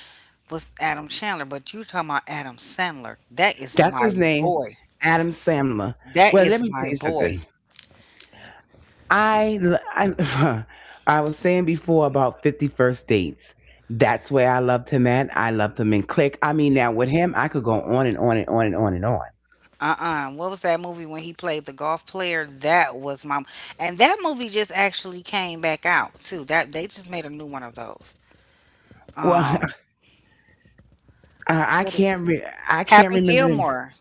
[SPEAKER 2] was Adam Chandler, but you talking about Adam Sandler. That is
[SPEAKER 1] That's
[SPEAKER 2] my
[SPEAKER 1] his name,
[SPEAKER 2] boy.
[SPEAKER 1] Adam Sandler.
[SPEAKER 2] That
[SPEAKER 1] Well, let
[SPEAKER 2] is
[SPEAKER 1] me tell
[SPEAKER 2] my
[SPEAKER 1] you
[SPEAKER 2] boy.
[SPEAKER 1] something. I I I was saying before about 51st dates. That's where I loved him at. I loved him in Click. I mean, now with him, I could go on and on and on and on and on.
[SPEAKER 2] Uh-uh. What was that movie when he played the golf player? That was my, and that movie just actually came back out too. That they just made a new one of those.
[SPEAKER 1] Well,
[SPEAKER 2] Um, what is
[SPEAKER 1] I can't
[SPEAKER 2] Happy
[SPEAKER 1] remember the.
[SPEAKER 2] Gilmore?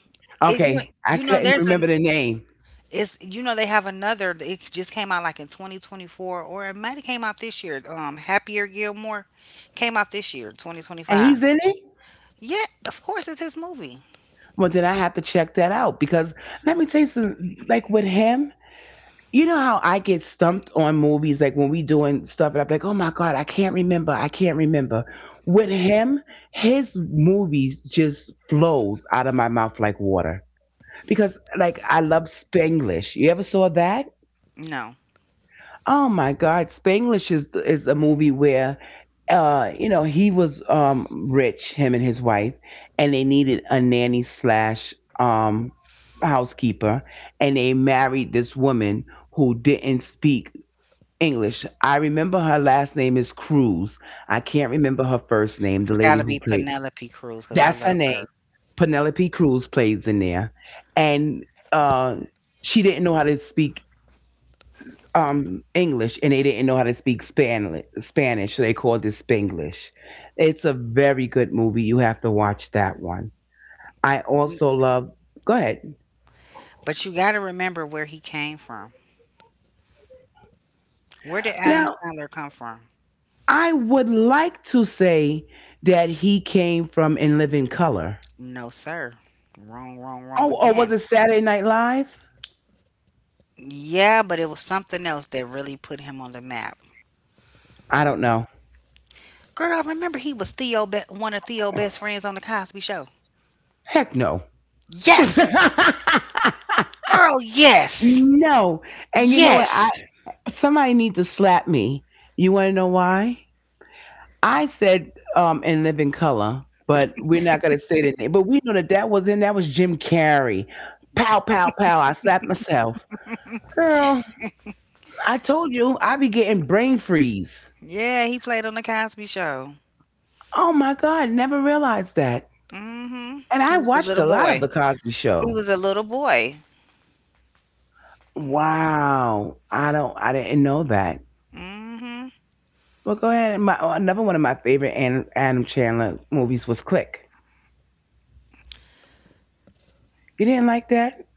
[SPEAKER 2] It, you
[SPEAKER 1] Okay, I
[SPEAKER 2] you know
[SPEAKER 1] couldn't
[SPEAKER 2] there's a,
[SPEAKER 1] remember the name,
[SPEAKER 2] it's, you know they have another. It just came out like in 2024, or it might have came out this year. Happier Gilmore came out this year,
[SPEAKER 1] and
[SPEAKER 2] 2025.
[SPEAKER 1] he's in it.
[SPEAKER 2] Yeah, of course it's his movie.
[SPEAKER 1] Well, then I have to check that out because let me tell you something. Like with him, you know how I get stumped on movies, like when we doing stuff, and I'm like, oh my god, I can't remember, I can't remember. With him, his movies just flows out of my mouth like water because, like, I love Spanglish. You ever saw that?
[SPEAKER 2] No,
[SPEAKER 1] Oh my god, Spanglish is a movie where. You know, he was rich, him and his wife, and they needed a nanny slash housekeeper, and they married this woman who didn't speak English. I remember her last name is Cruz. I can't remember her first name, the
[SPEAKER 2] it's got
[SPEAKER 1] lady
[SPEAKER 2] to
[SPEAKER 1] who
[SPEAKER 2] be
[SPEAKER 1] played.
[SPEAKER 2] Penelope Cruz because I
[SPEAKER 1] That's her
[SPEAKER 2] love
[SPEAKER 1] name.
[SPEAKER 2] her.
[SPEAKER 1] Penelope Cruz plays in there. And uh, she didn't know how to speak English, and they didn't know how to speak Spanish so they called it Spanglish. It's a very good movie. You have to watch that one. I
[SPEAKER 2] N-
[SPEAKER 1] also love. Go ahead.
[SPEAKER 2] But you got to remember where he came from. Where did Adam
[SPEAKER 1] Now,
[SPEAKER 2] Sandler come from?
[SPEAKER 1] I would like to say that he came from In Living Color.
[SPEAKER 2] No, sir. Wrong, wrong, wrong
[SPEAKER 1] Oh, or was
[SPEAKER 2] again.
[SPEAKER 1] it Saturday Night Live?
[SPEAKER 2] Yeah, but it was something else that really put him on the map.
[SPEAKER 1] I don't know.
[SPEAKER 2] Girl, remember he was Theo, one of Theo best friends on The Cosby Show.
[SPEAKER 1] Heck no.
[SPEAKER 2] Yes. Girl, yes.
[SPEAKER 1] No. And you know what? I
[SPEAKER 2] Yes.
[SPEAKER 1] somebody need to slap me. You want to know why? I said In Living Color, but we're not going to say the name. But we know that that was in that was Jim Carrey. Pow pow pow. I slapped myself. Girl, I told you I be getting brain freeze.
[SPEAKER 2] Yeah, he played on The Cosby Show.
[SPEAKER 1] Oh my god, never realized that.
[SPEAKER 2] Mm hmm
[SPEAKER 1] And I
[SPEAKER 2] He was a
[SPEAKER 1] watched
[SPEAKER 2] little
[SPEAKER 1] a lot
[SPEAKER 2] boy.
[SPEAKER 1] of the Cosby
[SPEAKER 2] He
[SPEAKER 1] show.
[SPEAKER 2] was a little boy.
[SPEAKER 1] Wow, I didn't know that.
[SPEAKER 2] Mm hmm
[SPEAKER 1] Well, go ahead. My oh, another one of my favorite Adam, Adam Chandler movies was Click. You didn't like that,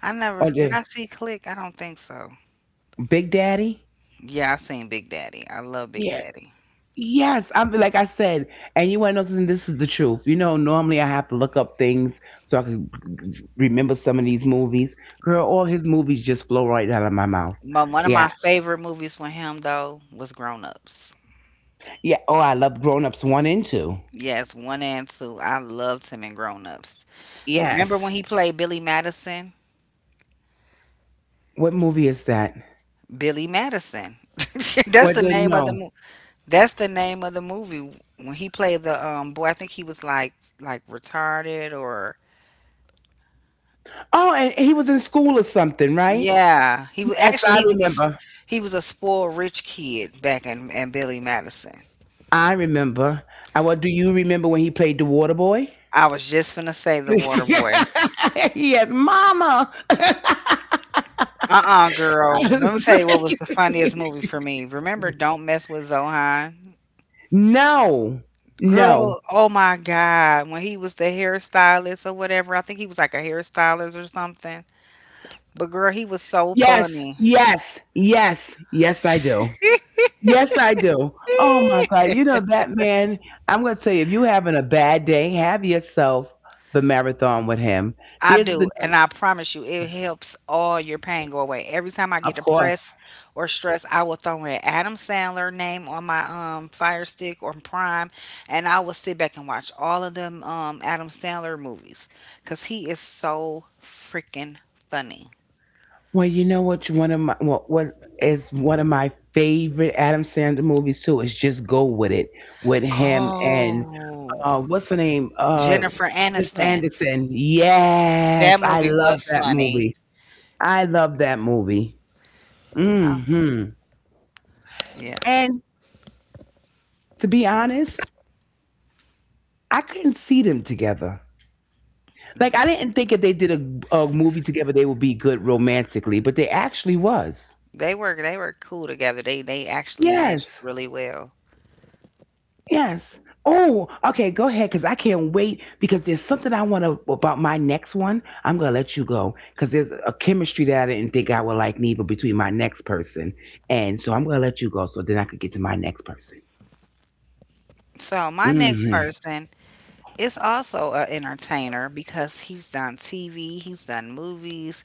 [SPEAKER 2] I never,
[SPEAKER 1] or
[SPEAKER 2] did
[SPEAKER 1] did
[SPEAKER 2] I see Click? I don't think so.
[SPEAKER 1] Big Daddy?
[SPEAKER 2] Yeah, I seen Big Daddy. I love Big
[SPEAKER 1] Yeah.
[SPEAKER 2] Daddy.
[SPEAKER 1] Yes, I'm like I said, and you want to know something? This is the truth. You know, normally I have to look up things so I can remember some of these movies. Girl, all his movies just flow right out of my mouth.
[SPEAKER 2] My, one of my
[SPEAKER 1] Yeah,
[SPEAKER 2] favorite movies with him though was Grown Ups.
[SPEAKER 1] yeah. Oh, I love Grown Ups One and Two.
[SPEAKER 2] Yes, one and two. I loved him in Grown Ups. Remember
[SPEAKER 1] Yes.
[SPEAKER 2] when he played Billy Madison?
[SPEAKER 1] What movie is that?
[SPEAKER 2] Billy Madison. That's
[SPEAKER 1] What
[SPEAKER 2] the
[SPEAKER 1] did
[SPEAKER 2] name of the
[SPEAKER 1] no?
[SPEAKER 2] movie. That's the name of the movie when he played the boy. I think he was like retarded or
[SPEAKER 1] Oh, and he was in school or something, right?
[SPEAKER 2] yeah. He was
[SPEAKER 1] Yes,
[SPEAKER 2] actually
[SPEAKER 1] I remember.
[SPEAKER 2] he was a spoiled rich kid back in Billy Madison.
[SPEAKER 1] I remember. And what do you remember when he played the water boy?
[SPEAKER 2] I was just finna say The Water Boy.
[SPEAKER 1] Yes, mama.
[SPEAKER 2] Girl. Let me tell you what was the funniest movie for me. Remember Don't Mess with Zohan?
[SPEAKER 1] No, no.
[SPEAKER 2] Girl, oh my God. When he was the hairstylist or whatever, I think he was like a hairstylist or something. But girl, he was so
[SPEAKER 1] Yes,
[SPEAKER 2] funny.
[SPEAKER 1] yes, yes, yes, I do. Yes, I do. Oh my God. You know, that man, I'm going to tell you, if you're having a bad day, have yourself the marathon with him.
[SPEAKER 2] I
[SPEAKER 1] There's the,
[SPEAKER 2] do, and I promise you, it helps all your pain go away. Every time I get
[SPEAKER 1] of
[SPEAKER 2] depressed
[SPEAKER 1] course.
[SPEAKER 2] or stressed, I will throw in Adam Sandler name on my Fire Stick or Prime, and I will sit back and watch all of them Adam Sandler movies because he is so freaking funny.
[SPEAKER 1] Well, you know what? One of my favorite Adam Sandler movies too is Just Go With It with him and
[SPEAKER 2] Oh,
[SPEAKER 1] what's the name?
[SPEAKER 2] Jennifer
[SPEAKER 1] Jennifer
[SPEAKER 2] Aniston,
[SPEAKER 1] Anderson. Yes,
[SPEAKER 2] that
[SPEAKER 1] I
[SPEAKER 2] movie
[SPEAKER 1] love
[SPEAKER 2] was
[SPEAKER 1] that
[SPEAKER 2] funny.
[SPEAKER 1] movie. I love that movie.
[SPEAKER 2] Oh,
[SPEAKER 1] Hmm.
[SPEAKER 2] yeah,
[SPEAKER 1] And to be honest, I couldn't see them together. Like I didn't think if they did a movie together, they would be good romantically, but they actually was.
[SPEAKER 2] they were, they were cool together. They actually
[SPEAKER 1] Yes.
[SPEAKER 2] meshed really well.
[SPEAKER 1] Yes. Oh, okay. Go ahead, because I can't wait. Because there's something I want to about my next one. I'm gonna let you go because there's a chemistry that I didn't think I would like neither between my next person, and so I'm gonna let you go so then I could get to my next person.
[SPEAKER 2] So my next
[SPEAKER 1] Hmm.
[SPEAKER 2] person is also an entertainer because he's done TV, he's done movies,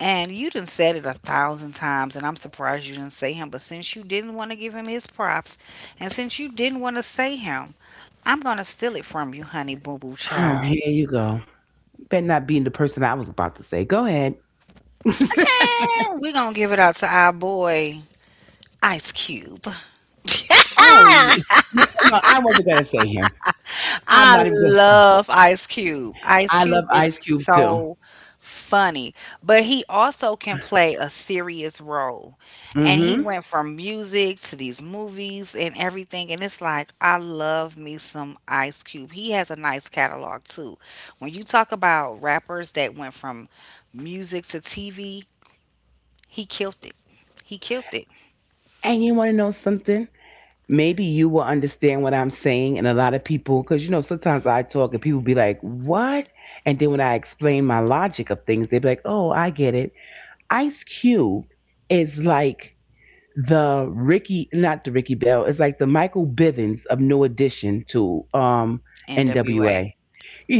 [SPEAKER 2] and you done said it a thousand times, and I'm surprised you didn't say him. But since you didn't want to give him his props, and since you didn't want to say him, I'm gonna steal it from you, honey boo boo
[SPEAKER 1] Oh,
[SPEAKER 2] child.
[SPEAKER 1] here you go. Better not being the person I was about to say. Go ahead.
[SPEAKER 2] We're gonna give it out to our boy Ice Cube.
[SPEAKER 1] oh, y- no, I wasn't gonna say him. I'm
[SPEAKER 2] I
[SPEAKER 1] not even. Gonna,
[SPEAKER 2] love Ice Cube. Ice
[SPEAKER 1] I love
[SPEAKER 2] Cube
[SPEAKER 1] Ice
[SPEAKER 2] is
[SPEAKER 1] Cube too.
[SPEAKER 2] so funny, but he also can play a serious role. And he
[SPEAKER 1] Hmm.
[SPEAKER 2] went from music to these movies and everything. And it's like, I love me some Ice Cube. He has a nice catalog too. When you talk about rappers that went from music to TV, he killed it. He killed it.
[SPEAKER 1] And you want to know something? Maybe you will understand what I'm saying. And a lot of people, because you know, sometimes I talk and people be like, what? And then when I explain my logic of things, they be like, oh, I get it. Ice Cube is like the Ricky, not the Ricky Bell, it's like the Michael Bivins of New Edition to
[SPEAKER 2] NWA.
[SPEAKER 1] NWA.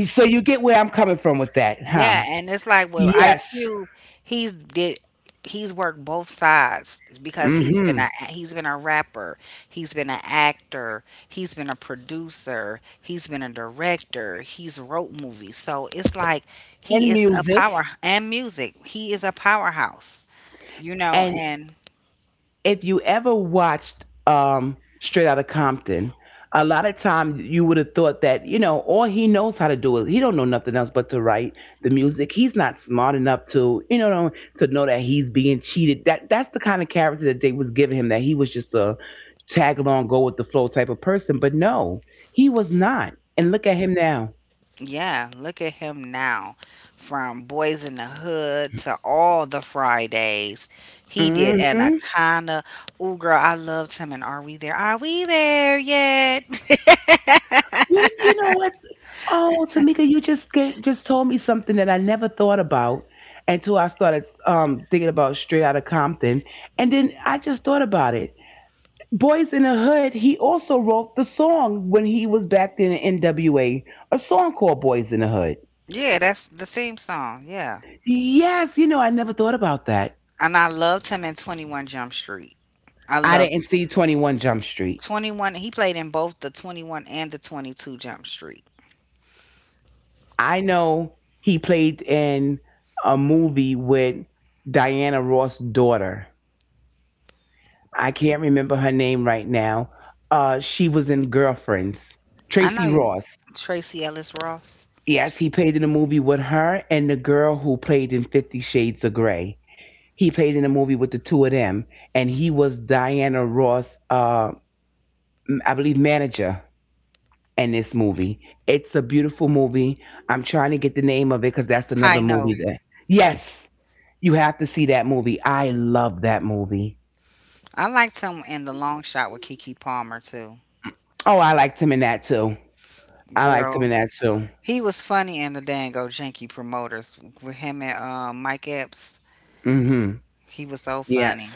[SPEAKER 1] So you get where I'm coming from with that, huh?
[SPEAKER 2] Yeah, and it's like with Ice
[SPEAKER 1] Yes.
[SPEAKER 2] Cube, he's did he's worked both sides because
[SPEAKER 1] Mm
[SPEAKER 2] he's
[SPEAKER 1] hmm.
[SPEAKER 2] been a he's been a rapper, he's been an actor, he's been a producer, he's been a director, he's wrote movies. So it's like he
[SPEAKER 1] And
[SPEAKER 2] is a power
[SPEAKER 1] music.
[SPEAKER 2] and music. He is a powerhouse, you know,
[SPEAKER 1] And,
[SPEAKER 2] and
[SPEAKER 1] if you ever watched Straight Outta Compton, a lot of times you would have thought that you know all he knows how to do is he don't know nothing else but to write the music. He's not smart enough to you know to know that he's being cheated. That's the kind of character that they was giving him, that he was just a tag along, go with the flow type of person. But no, he was not. And look at him now.
[SPEAKER 2] yeah, look at him now. From Boys in the Hood to all the Fridays. He did
[SPEAKER 1] Hmm.
[SPEAKER 2] Anaconda. Ooh, girl, I loved him. And Are We There? Are We There Yet?
[SPEAKER 1] You know what? Oh, Tamika, you just gave just told me something that I never thought about until I started thinking about Straight Outta Compton, and then I just thought about it. Boys in the Hood. He also wrote the song when he was back in the NWA, song called Boys in the Hood.
[SPEAKER 2] Yeah, that's the theme song. Yeah.
[SPEAKER 1] Yes, you know I never thought about that.
[SPEAKER 2] And I loved him in 21 Jump Street. I
[SPEAKER 1] I
[SPEAKER 2] loved
[SPEAKER 1] didn't see 21 Jump Street.
[SPEAKER 2] 21. He played in both the 21 and the 22 Jump Street.
[SPEAKER 1] I know he played in a movie with Diana Ross' daughter. I can't remember her name right now. She was in Girlfriends.
[SPEAKER 2] I know
[SPEAKER 1] Tracy
[SPEAKER 2] you,
[SPEAKER 1] Ross.
[SPEAKER 2] Tracy Ellis Ross.
[SPEAKER 1] Yes, he played in a movie with her and the girl who played in 50 Shades of Grey. He played in a movie with the two of them, and he was Diana Ross, I believe, manager in this movie. It's a beautiful movie. I'm trying to get the name of it because that's
[SPEAKER 2] High
[SPEAKER 1] another
[SPEAKER 2] note.
[SPEAKER 1] movie that. Yes, you have to see that movie. I love that movie.
[SPEAKER 2] I liked him in The Long Shot with Kiki Palmer, too.
[SPEAKER 1] Oh, I liked him in that too. I liked him
[SPEAKER 2] Girl,
[SPEAKER 1] in that too.
[SPEAKER 2] he was funny in the Dango Janky Promoters with him and Mike Epps.
[SPEAKER 1] Hmm.
[SPEAKER 2] He was so funny.
[SPEAKER 1] Yes.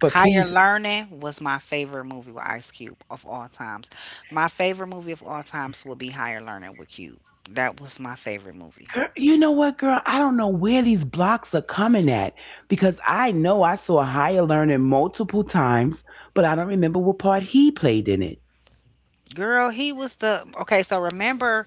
[SPEAKER 1] But
[SPEAKER 2] Higher
[SPEAKER 1] please,
[SPEAKER 2] Learning was my favorite movie with Ice Cube of all times. My favorite movie of all times would be Higher Learning with Cube. That was my favorite movie.
[SPEAKER 1] girl, you know what, girl? I don't know where these blocks are coming at because I know I saw Higher Learning multiple times, but I don't remember what part he played in it.
[SPEAKER 2] Girl, he was the okay. So remember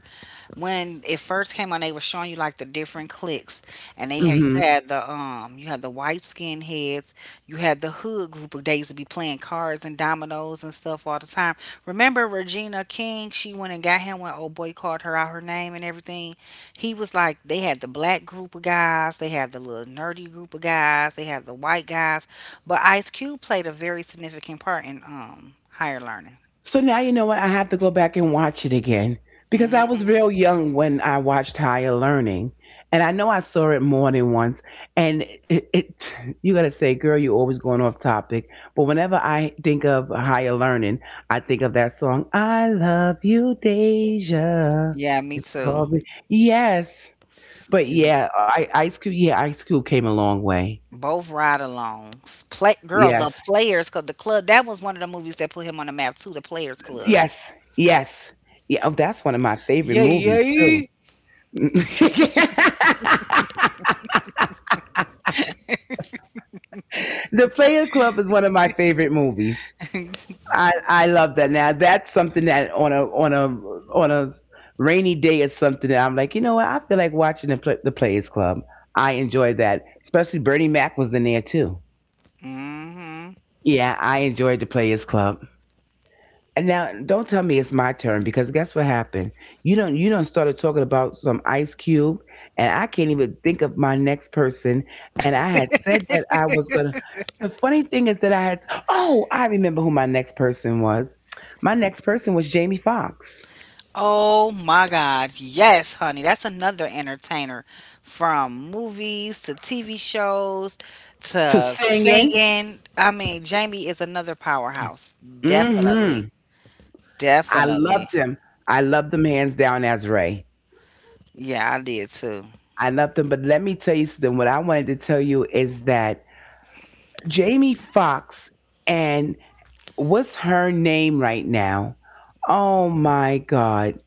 [SPEAKER 2] when it first came on, they were showing you like the different cliques, and they had you had the white skin heads, you had the hood group of days to be playing cards and dominoes and stuff all the time. Remember Regina King? She went and got him when old boy called her out her name and everything. He was like they had the black group of guys, they had the little nerdy group of guys, they had the white guys, but Ice Cube played a very significant part in higher learning.
[SPEAKER 1] So now you know what? I have to go back and watch it again because I was
[SPEAKER 2] Mm-hmm.
[SPEAKER 1] real young when I watched Higher Learning, and I know I saw it more than once. And it you gotta say, girl, you're always going off topic. But whenever I think of Higher Learning, I think of that song, "I Love You, Deja."
[SPEAKER 2] Yeah, me too.
[SPEAKER 1] Yes, but
[SPEAKER 2] Mhm.
[SPEAKER 1] yeah, Ice Cube. Yeah, Ice Cube came a long way.
[SPEAKER 2] Both ride alongs. Play girl, the
[SPEAKER 1] Yes,
[SPEAKER 2] Players Club, the club. That was one of the movies that put him on the map too. The Players Club.
[SPEAKER 1] yes, yes. Yeah, oh, that's one of my favorite
[SPEAKER 2] Yay,
[SPEAKER 1] movies too.
[SPEAKER 2] yay.
[SPEAKER 1] The Player Club is one of my favorite movies. I love that. Now that's something that on a rainy day is something that I'm like, you know what? I feel like watching the the Players Club. I enjoyed that, especially Bernie Mac was in there too.
[SPEAKER 2] Hmm.
[SPEAKER 1] Yeah, I enjoyed the Players Club. And now don't tell me it's my turn because guess what happened? You don't started talking about some Ice Cube and I can't even think of my next person, and I had said that I was gonna the funny thing is that I had oh, I remember who my next person was. My next person was Jamie Foxx.
[SPEAKER 2] Oh my God. Yes, honey. That's another entertainer from movies to TV shows
[SPEAKER 1] To
[SPEAKER 2] to
[SPEAKER 1] singing.
[SPEAKER 2] singing. I mean, Jamie is another powerhouse.
[SPEAKER 1] Mm-hmm.
[SPEAKER 2] Definitely.
[SPEAKER 1] I loved
[SPEAKER 2] Definitely.
[SPEAKER 1] him. I loved him hands down as Ray.
[SPEAKER 2] Yeah, I did too.
[SPEAKER 1] I loved him, but let me tell you something. What I wanted to tell you is that Jamie Foxx and what's her name right now? Oh my God.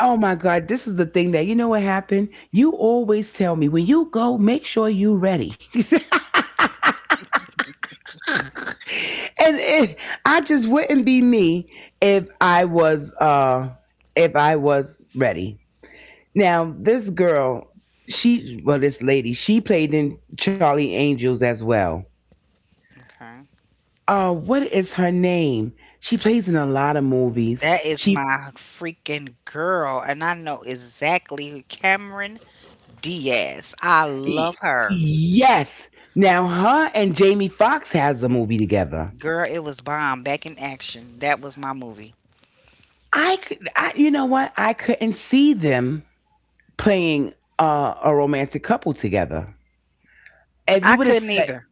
[SPEAKER 1] Oh my God. This is the thing that, you know what happened? You always tell me when you go, make sure you ready. And it, I just wouldn't be me if if I was ready. Now, well, this lady, she played in Charlie Angels as well.
[SPEAKER 2] Okay.
[SPEAKER 1] What is her name? She plays in a lot of movies.
[SPEAKER 2] That is
[SPEAKER 1] She
[SPEAKER 2] my freaking girl, and I know exactly who: Cameron Diaz. I
[SPEAKER 1] Y-
[SPEAKER 2] love her.
[SPEAKER 1] Yes. Now her and Jamie Foxx has a movie together.
[SPEAKER 2] Girl, it was Bomb Back in Action. That was my movie.
[SPEAKER 1] I, could- I You know what? I couldn't see them playing a romantic couple together. If
[SPEAKER 2] I
[SPEAKER 1] you would have
[SPEAKER 2] couldn't
[SPEAKER 1] said
[SPEAKER 2] either.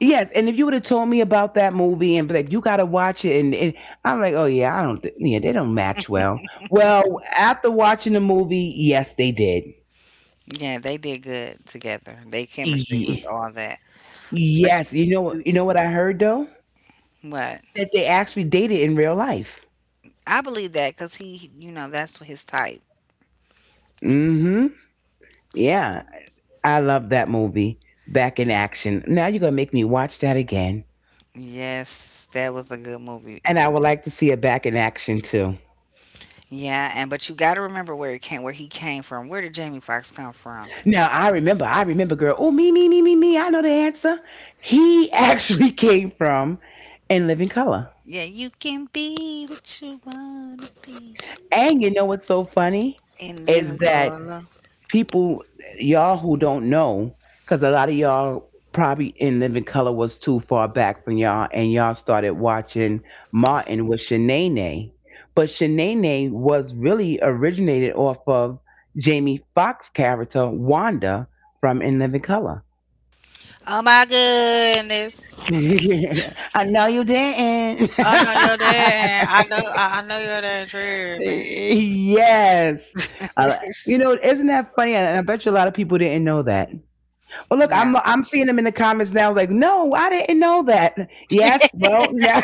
[SPEAKER 1] yes, and if you would have told me about that movie and be like, you gotta watch it, and I'm like, oh yeah, I don't, th- yeah, they don't match well. Well, after watching the movie, yes, they did.
[SPEAKER 2] Yeah, they did good together. Their chemistry was
[SPEAKER 1] Ye-
[SPEAKER 2] all that. But
[SPEAKER 1] Yes,
[SPEAKER 2] you,
[SPEAKER 1] you know what I heard though?
[SPEAKER 2] what?
[SPEAKER 1] That they actually dated in real life.
[SPEAKER 2] I believe that because he, you know, that's his type.
[SPEAKER 1] Mm-hmm. Yeah, I love that movie, Back in Action. Now you're going to make me watch that again.
[SPEAKER 2] Yes, that was a good movie.
[SPEAKER 1] And I would like to see it Back in Action too.
[SPEAKER 2] Yeah, and but you got to remember where it came, where he came from. Where did Jamie Foxx come from?
[SPEAKER 1] Now I remember, girl. Oh, me, me, me, me, me. I know the answer. He actually came from In Living Color.
[SPEAKER 2] Yeah, you can be what you wanna be
[SPEAKER 1] And you know what's so funny
[SPEAKER 2] and live in
[SPEAKER 1] is that
[SPEAKER 2] color.
[SPEAKER 1] people, y'all who don't know, because a lot of y'all probably In Living Color was too far back from y'all, and y'all started watching Martin with Shanae. But Shanae was really originated off of Jamie Foxx character Wanda from In Living Color.
[SPEAKER 2] Oh my goodness.
[SPEAKER 1] I know you didn't.
[SPEAKER 2] I know you're there. I know I, I know you're there tripping.
[SPEAKER 1] Yes. Uh, you know, isn't that funny? And I bet you a lot of people didn't know that. Well, look,
[SPEAKER 2] Yeah.
[SPEAKER 1] I'm seeing them in the comments now. Like, no, I didn't know that. Yes, well, now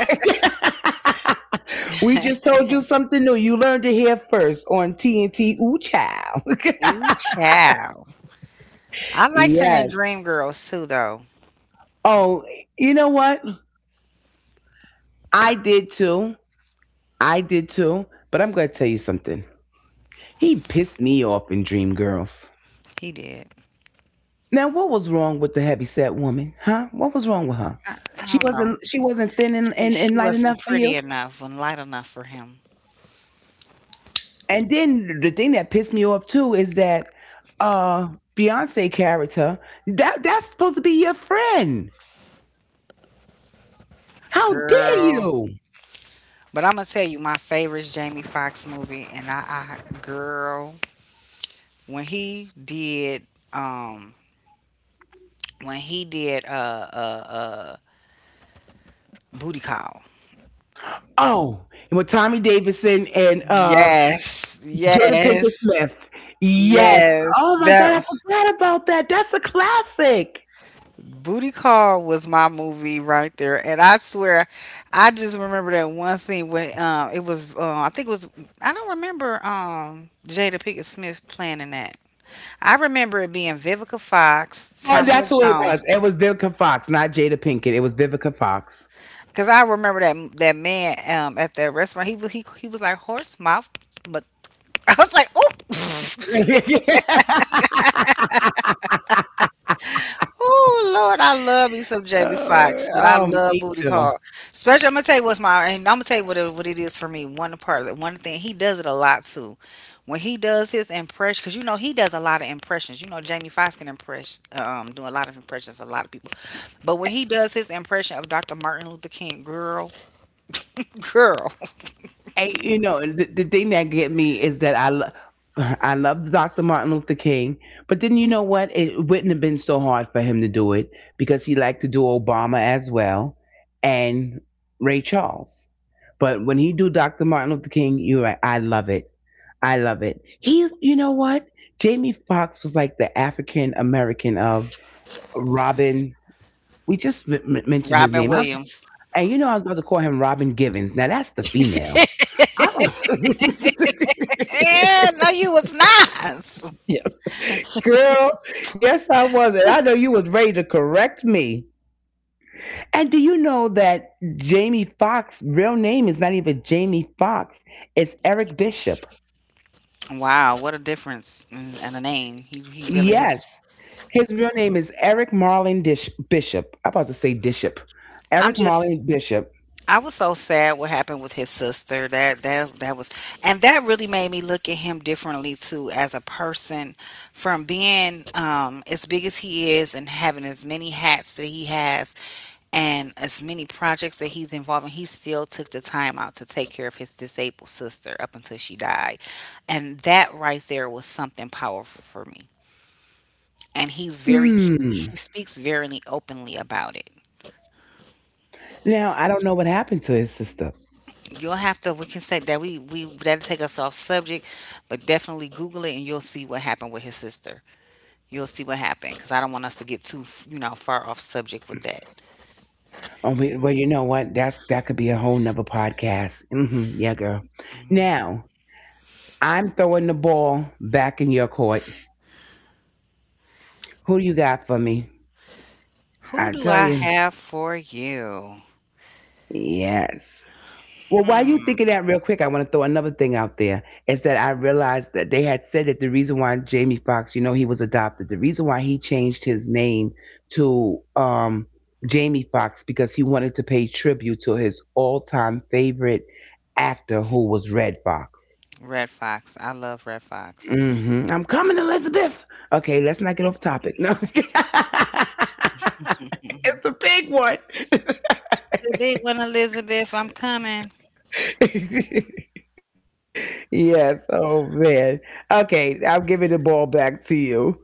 [SPEAKER 1] we just told you something new. You learned to hear first on TNT. Ooh, child.
[SPEAKER 2] You child. I like some in
[SPEAKER 1] Yes.
[SPEAKER 2] Dream Girls too though.
[SPEAKER 1] Oh, you know what? I did too. I did too. But I'm gonna tell you something. He pissed me off in Dreamgirls.
[SPEAKER 2] He did.
[SPEAKER 1] Now, what was wrong with the heavyset woman? Huh? What was wrong with her?
[SPEAKER 2] I
[SPEAKER 1] She
[SPEAKER 2] don't know.
[SPEAKER 1] wasn't. She wasn't thin and,
[SPEAKER 2] She
[SPEAKER 1] and
[SPEAKER 2] she
[SPEAKER 1] light enough
[SPEAKER 2] wasn't
[SPEAKER 1] for you.
[SPEAKER 2] pretty enough and light enough for him.
[SPEAKER 1] And then the thing that pissed me off too is that uh Beyonce character, that's supposed to be your friend. How dare
[SPEAKER 2] Girl.
[SPEAKER 1] you?
[SPEAKER 2] But I'm gonna tell you my favorite Jamie Foxx movie and I girl when he did um when he did booty call.
[SPEAKER 1] Oh, and with Tommy Davidson and
[SPEAKER 2] Yes,
[SPEAKER 1] Jada Pinkett
[SPEAKER 2] yes,
[SPEAKER 1] Smith. Yes.
[SPEAKER 2] yes.
[SPEAKER 1] Oh my
[SPEAKER 2] That
[SPEAKER 1] god, I forgot about that. That's a classic.
[SPEAKER 2] booty call was my movie right there, and I swear, I just remember that one scene where it was I think it was I don't remember Jada Pinkett Smith playing in that. I remember it being Vivica Fox,
[SPEAKER 1] Oh,
[SPEAKER 2] Tamala
[SPEAKER 1] that's who it was.
[SPEAKER 2] Jones,
[SPEAKER 1] It was Vivica Fox, not Jada Pinkett. It was Vivica Fox.
[SPEAKER 2] because I remember that that man at that restaurant he was like horse mouth, but I was like oh. Oh Lord, I love me some Jamie
[SPEAKER 1] Oh,
[SPEAKER 2] Foxx, but I
[SPEAKER 1] oh,
[SPEAKER 2] love
[SPEAKER 1] me
[SPEAKER 2] Booty
[SPEAKER 1] too.
[SPEAKER 2] Call. Especially, I'm gonna tell you what it is for me. One part of it, one thing he does it a lot too. When he does his impression, because you know he does a lot of impressions. You know Jamie Foxx can impress, do a lot of impressions for a lot of people. But when he does his impression of Dr. Martin Luther King, girl, girl,
[SPEAKER 1] Hey, you know, the thing that get me is that I love Dr. Martin Luther King, but then you know what? It wouldn't have been so hard for him to do it because he liked to do Obama as well and Ray Charles. But when he do Dr. Martin Luther King, you're right. I love it. I love it. He, you know what? Jamie Foxx was like the African American of Robin. We just mentioned his
[SPEAKER 2] Robin
[SPEAKER 1] name. I,
[SPEAKER 2] Williams.
[SPEAKER 1] and you know, I was about to call him Robin Givens. Now that's the female. I don't.
[SPEAKER 2] Eh, no, you was not.
[SPEAKER 1] Girl, yes, I was. And I know you was ready to correct me. And do you know that Jamie Foxx' real name is not even Jamie Foxx? It's Eric Bishop.
[SPEAKER 2] Wow, what a difference and a name. He really is.
[SPEAKER 1] Yes. His real name is Eric Marlin Bishop. I'm about to say Bishop.
[SPEAKER 2] I'm
[SPEAKER 1] Eric
[SPEAKER 2] just
[SPEAKER 1] Marlin Bishop.
[SPEAKER 2] I was so sad what happened with his sister. That was and that really made me look at him differently too as a person from being as big as he is and having as many hats that he has and as many projects that he's involved in, he still took the time out to take care of his disabled sister up until she died. And that right there was something powerful for me. And he's very
[SPEAKER 1] Hmm.
[SPEAKER 2] he speaks very openly about it.
[SPEAKER 1] Now, I don't know what happened to his sister.
[SPEAKER 2] You'll have to. We can say that we that'll take us off subject, but definitely Google it and you'll see what happened with his sister. You'll see what happened because I don't want us to get too, you know, far off subject with that.
[SPEAKER 1] Oh, well, you know what? That's that could be a whole nother podcast. Hmm. Yeah, girl.
[SPEAKER 2] Mhm.
[SPEAKER 1] Now, I'm throwing the ball back in your court. Who do you got for me?
[SPEAKER 2] Who
[SPEAKER 1] I
[SPEAKER 2] do
[SPEAKER 1] tell
[SPEAKER 2] I
[SPEAKER 1] you,
[SPEAKER 2] have for you?
[SPEAKER 1] yes. Well, while you
[SPEAKER 2] Hmm.
[SPEAKER 1] thinking that real quick, I want to throw another thing out there. Is that I realized that they had said that the reason why Jamie Foxx, you know, he was adopted, the reason why he changed his name to Jamie Foxx because he wanted to pay tribute to his all-time favorite actor, who was Red Fox.
[SPEAKER 2] Red Fox. I love Red Fox.
[SPEAKER 1] Hmm. I'm coming, Elizabeth. Okay, let's not get off topic. No, it's
[SPEAKER 2] Hmm.
[SPEAKER 1] the big one.
[SPEAKER 2] The big one, Elizabeth. I'm coming.
[SPEAKER 1] Yes. Oh man. Okay, I'll give it the ball back to you.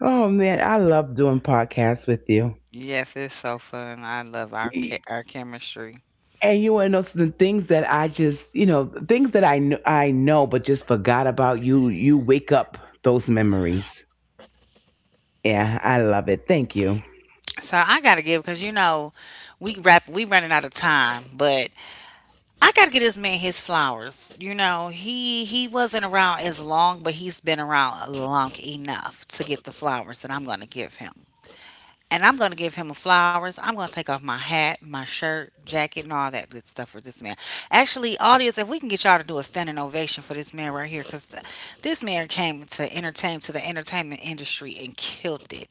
[SPEAKER 1] Oh man, I love doing podcasts with you.
[SPEAKER 2] Yes, it's so fun. I love our
[SPEAKER 1] Y-
[SPEAKER 2] ca- our chemistry.
[SPEAKER 1] and you want to know some things that I just, you know, things that I know but just forgot about you. You wake up those memories. Yeah, I love it. Thank you.
[SPEAKER 2] So I gotta give because you know we running out of time, but I gotta get this man his flowers. You know, he wasn't around as long, but he's been around long enough to get the flowers that I'm gonna give him. And I'm going to give him a flowers. I'm going to take off my hat, my shirt, jacket, and all that good stuff for this man. Actually, audience, if we can get y'all to do a standing ovation for this man right here, because this man came to entertain to the entertainment industry and killed it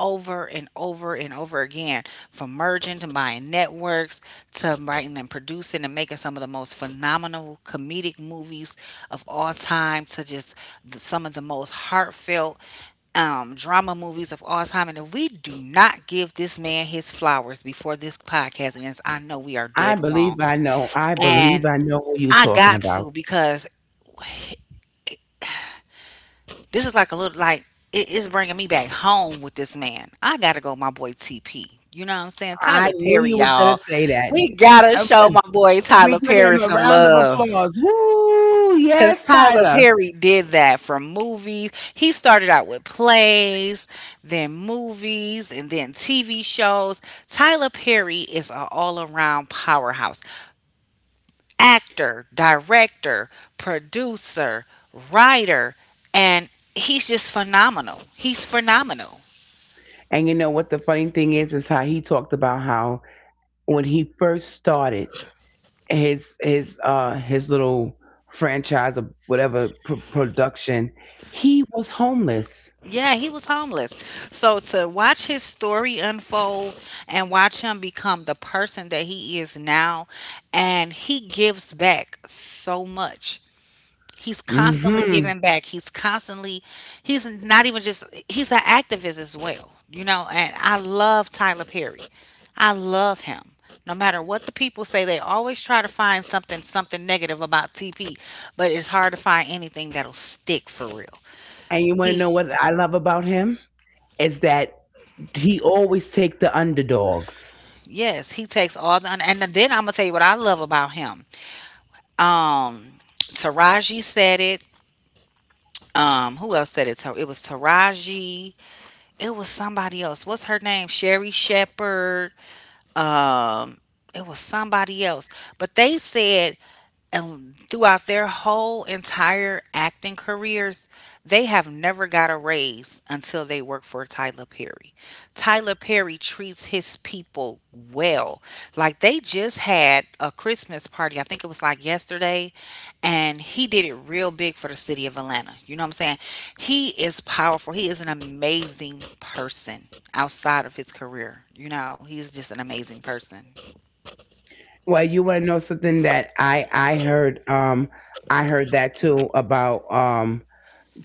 [SPEAKER 2] over and over and over again from merging to buying networks to writing and producing and making some of the most phenomenal comedic movies of all time to just some of the most heartfelt drama movies of all time. And if we do not give this man his flowers before this podcast ends, I know we are
[SPEAKER 1] I
[SPEAKER 2] dead wrong.
[SPEAKER 1] believe I know. I believe
[SPEAKER 2] And
[SPEAKER 1] I know who you're
[SPEAKER 2] I
[SPEAKER 1] talking
[SPEAKER 2] got
[SPEAKER 1] about.
[SPEAKER 2] to because this is like a little like it is bringing me back home with this man. I gotta go, my boy TP. You know what I'm saying?
[SPEAKER 1] I
[SPEAKER 2] Tyler
[SPEAKER 1] knew
[SPEAKER 2] Perry,
[SPEAKER 1] you was gonna
[SPEAKER 2] y'all.
[SPEAKER 1] say that.
[SPEAKER 2] We gotta show
[SPEAKER 1] Okay.
[SPEAKER 2] my boy
[SPEAKER 1] We
[SPEAKER 2] Tyler
[SPEAKER 1] give
[SPEAKER 2] Perry
[SPEAKER 1] him a
[SPEAKER 2] some
[SPEAKER 1] round of
[SPEAKER 2] love.
[SPEAKER 1] applause. Woo!
[SPEAKER 2] Because
[SPEAKER 1] Yes,
[SPEAKER 2] Tyler
[SPEAKER 1] Tyler.
[SPEAKER 2] Perry did that from movies. He started out with plays, then movies, and then TV shows. Tyler Perry is an all around powerhouse actor, director, producer, writer, and he's just phenomenal. He's phenomenal.
[SPEAKER 1] And you know what the funny thing is how he talked about how when he first started his his little franchise or whatever production, he was homeless.
[SPEAKER 2] Yeah, he was homeless. So to watch his story unfold and watch him become the person that he is now, and he gives back so much. He's constantly
[SPEAKER 1] Mhm.
[SPEAKER 2] giving back. He's constantly, he's not even just, he's an activist as well, you know. And I love Tyler Perry. I love him. No matter what the people say, they always try to find something negative about TP, but it's hard to find anything that'll stick for real.
[SPEAKER 1] And you want to
[SPEAKER 2] He
[SPEAKER 1] know what I love about him is that he always take the underdogs.
[SPEAKER 2] yes, he takes all the and then I'm gonna tell you what I love about him. Um, Taraji said it. Who else said it? So it was Taraji. It was somebody else. What's her name? Sherry Shepherd. Um, it was somebody else. But they said and throughout their whole entire acting careers, they have never got a raise until they work for Tyler Perry. Tyler Perry treats his people well. Like they just had a Christmas party, I think it was like yesterday, and he did it real big for the city of Atlanta. You know what I'm saying? He is powerful. He is an amazing person outside of his career. You know, he's just an amazing person.
[SPEAKER 1] Well, you want to know something that I heard I heard that too about.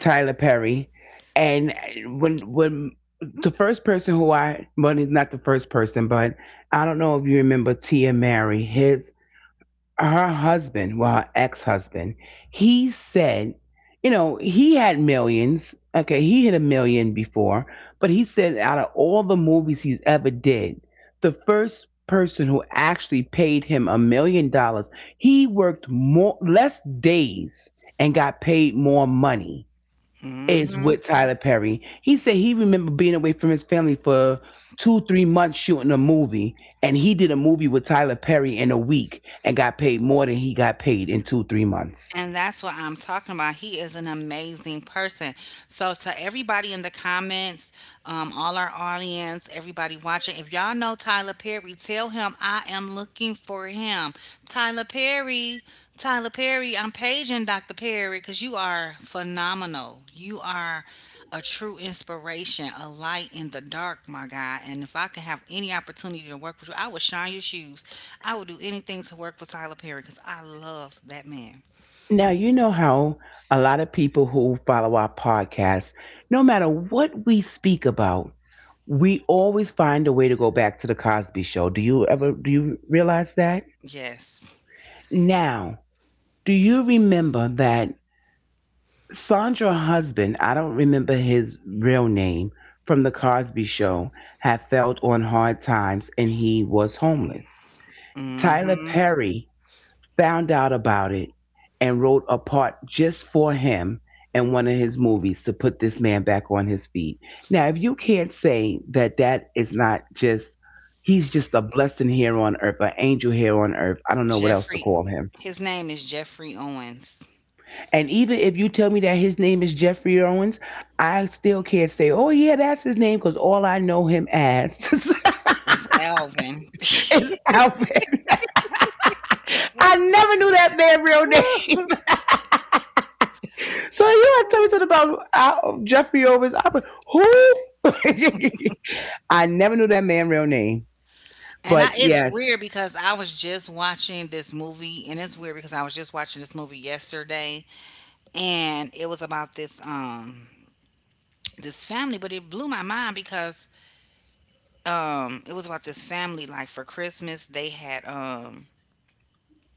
[SPEAKER 1] Tyler Perry, and when the first person who I well, he's not the first person, but I don't know if you remember Tia Mary, his her husband, well, her ex husband, he said, you know, he had millions. Okay, he hit a million before, but he said out of all the movies he's ever did, the first person who actually paid him $1 million, he worked more less days and got paid more money is
[SPEAKER 2] Mhm.
[SPEAKER 1] with Tyler Perry. He said he remembered being away from his family for two, 3 months shooting a movie, and he did a movie with Tyler Perry in a week and got paid more than he got paid in two, 3 months.
[SPEAKER 2] And that's what I'm talking about. He is an amazing person. So, to everybody in the comments, all our audience, everybody watching, if y'all know Tyler Perry, tell him I am looking for him. Tyler Perry, Tyler Perry, I'm paging Dr. Perry because you are phenomenal. You are a true inspiration, a light in the dark, my guy. And if I could have any opportunity to work with you, I would shine your shoes. I would do anything to work with Tyler Perry because I love that man.
[SPEAKER 1] Now, you know how a lot of people who follow our podcast, no matter what we speak about, we always find a way to go back to the Cosby show. Do you realize that?
[SPEAKER 2] Yes.
[SPEAKER 1] Now, do you remember that Sandra's husband, I don't remember his real name, from The Cosby Show, had failed on hard times and he was homeless.
[SPEAKER 2] Mm.
[SPEAKER 1] Tyler
[SPEAKER 2] Mhm.
[SPEAKER 1] Perry found out about it and wrote a part just for him in one of his movies to put this man back on his feet. Now, if you can't say that that is not just, he's just a blessing here on earth, an angel here on earth, I don't know what else to
[SPEAKER 2] Jeffrey,
[SPEAKER 1] call him.
[SPEAKER 2] his name is Jeffrey Owens.
[SPEAKER 1] And even if you tell me that his name is Jeffrey Owens, I still can't say, oh, yeah, that's his name because all I know him as
[SPEAKER 2] It's Alvin.
[SPEAKER 1] is Alvin. I never knew that man real name. So you want to tell me
[SPEAKER 2] Woo.
[SPEAKER 1] something about Jeffrey Owens? I'm like, who? I never knew that man real name.
[SPEAKER 2] And I
[SPEAKER 1] But
[SPEAKER 2] it's
[SPEAKER 1] yes,
[SPEAKER 2] weird because I was just watching this movie, and it's weird because I was just watching this movie yesterday, and it was about this this family. But it blew my mind because it was about this family. Like, for Christmas, they had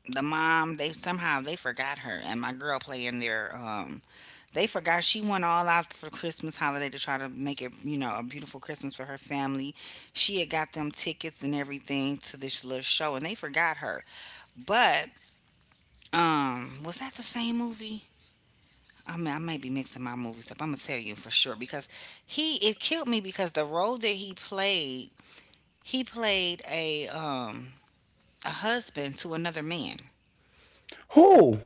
[SPEAKER 2] the mom, they somehow they forgot her, and my girl playing their they forgot. She went all out for Christmas holiday to try to make it, a beautiful Christmas for her family. She had got them tickets and everything to this little show, and they forgot her. But was that the same movie? I mean, I may be mixing my movies up. I'm gonna tell you for sure because he it killed me because the role that he played a husband to another man,
[SPEAKER 1] who?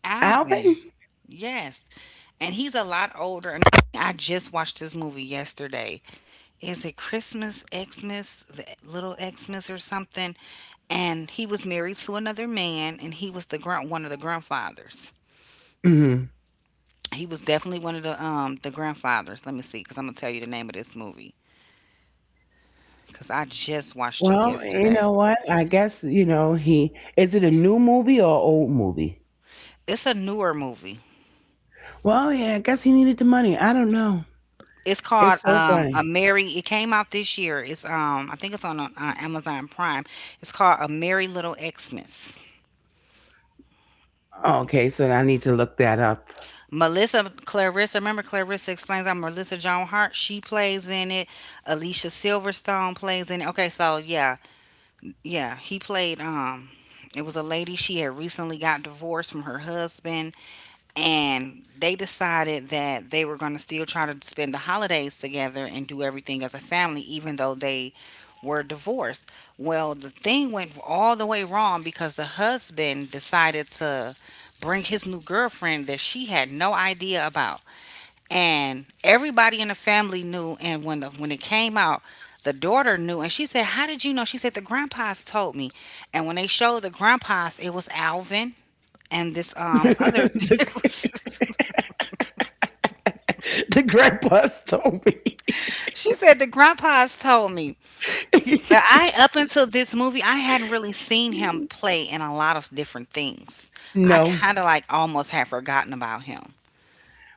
[SPEAKER 1] Alvin?
[SPEAKER 2] Alvin. Yes, and he's a lot older. And I just watched this movie yesterday. Is it Christmas, Xmas, the little Xmas or something? And he was married to another man, and he was the grand one of the grandfathers.
[SPEAKER 1] Hmm.
[SPEAKER 2] He was definitely one of the the grandfathers. Let me see, because I'm gonna tell you the name of this movie because I just watched it
[SPEAKER 1] Well, you
[SPEAKER 2] yesterday.
[SPEAKER 1] know what? I guess, you know, he. Is it a new movie or old movie?
[SPEAKER 2] It's a newer movie.
[SPEAKER 1] Well, yeah, I guess he needed the money. I don't know.
[SPEAKER 2] It's
[SPEAKER 1] It's
[SPEAKER 2] called
[SPEAKER 1] so
[SPEAKER 2] A
[SPEAKER 1] funny.
[SPEAKER 2] Merry. It came out this year. It's I think it's on Amazon Prime. It's called A Merry Little Xmas.
[SPEAKER 1] Okay, so I need to look that up.
[SPEAKER 2] Melissa Clarissa. Remember, Clarissa Explains. I'm Melissa Joan Hart. She plays in it. Alicia Silverstone plays in it. Okay, so yeah, yeah, he played it was a lady, she had recently got divorced from her husband, and they decided that they were going to still try to spend the holidays together and do everything as a family even though they were divorced. Well, the thing went all the way wrong because the husband decided to bring his new girlfriend that she had no idea about, and everybody in the family knew. And when the when it came out, the daughter knew, and she said, how did you know? She said, the grandpas told me. And when they showed the grandpas, it was Alvin and this other
[SPEAKER 1] the,
[SPEAKER 2] it was-
[SPEAKER 1] the grandpa's told me.
[SPEAKER 2] she said the grandpas told me. But I, up until this movie, I hadn't really seen him play in a lot of different things. I
[SPEAKER 1] No.
[SPEAKER 2] kind of like almost had forgotten about him.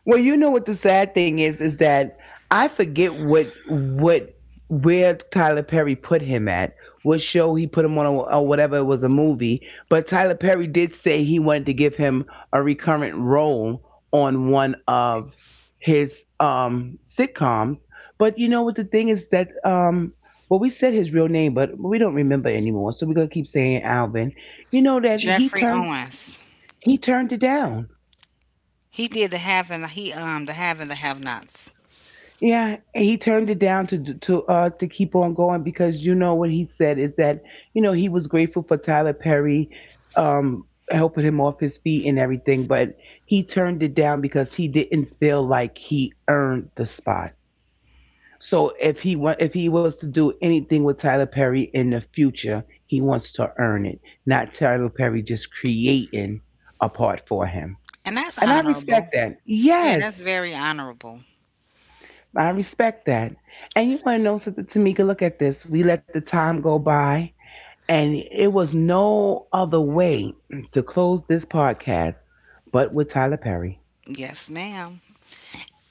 [SPEAKER 1] Well, you know what the sad thing is that I forget what where Tyler Perry put him at, what show he put him on, or whatever it was a movie. But Tyler Perry did say he wanted to give him a recurrent role on one of his sitcoms. But you know what the thing is that well we said his real name, but we don't remember anymore, so we're gonna keep saying Alvin. You know that
[SPEAKER 2] Jeffrey Owens.
[SPEAKER 1] he turned it down.
[SPEAKER 2] He did the Have and the, he the Have and the Have Nots.
[SPEAKER 1] Yeah, he turned it down to to keep on going because you know what he said is that you know he was grateful for Tyler Perry helping him off his feet and everything, but he turned it down because he didn't feel like he earned the spot. So if he was to do anything with Tyler Perry in the future, he wants to earn it, not Tyler Perry just creating a part for him.
[SPEAKER 2] And that's
[SPEAKER 1] And I
[SPEAKER 2] honorable.
[SPEAKER 1] respect that.
[SPEAKER 2] Yeah, that's
[SPEAKER 1] Yes.
[SPEAKER 2] very honorable.
[SPEAKER 1] I respect that. And you want to know something, Tamika? Look at this. We let the time go by, and it was no other way to close this podcast but with Tyler Perry.
[SPEAKER 2] Yes, ma'am.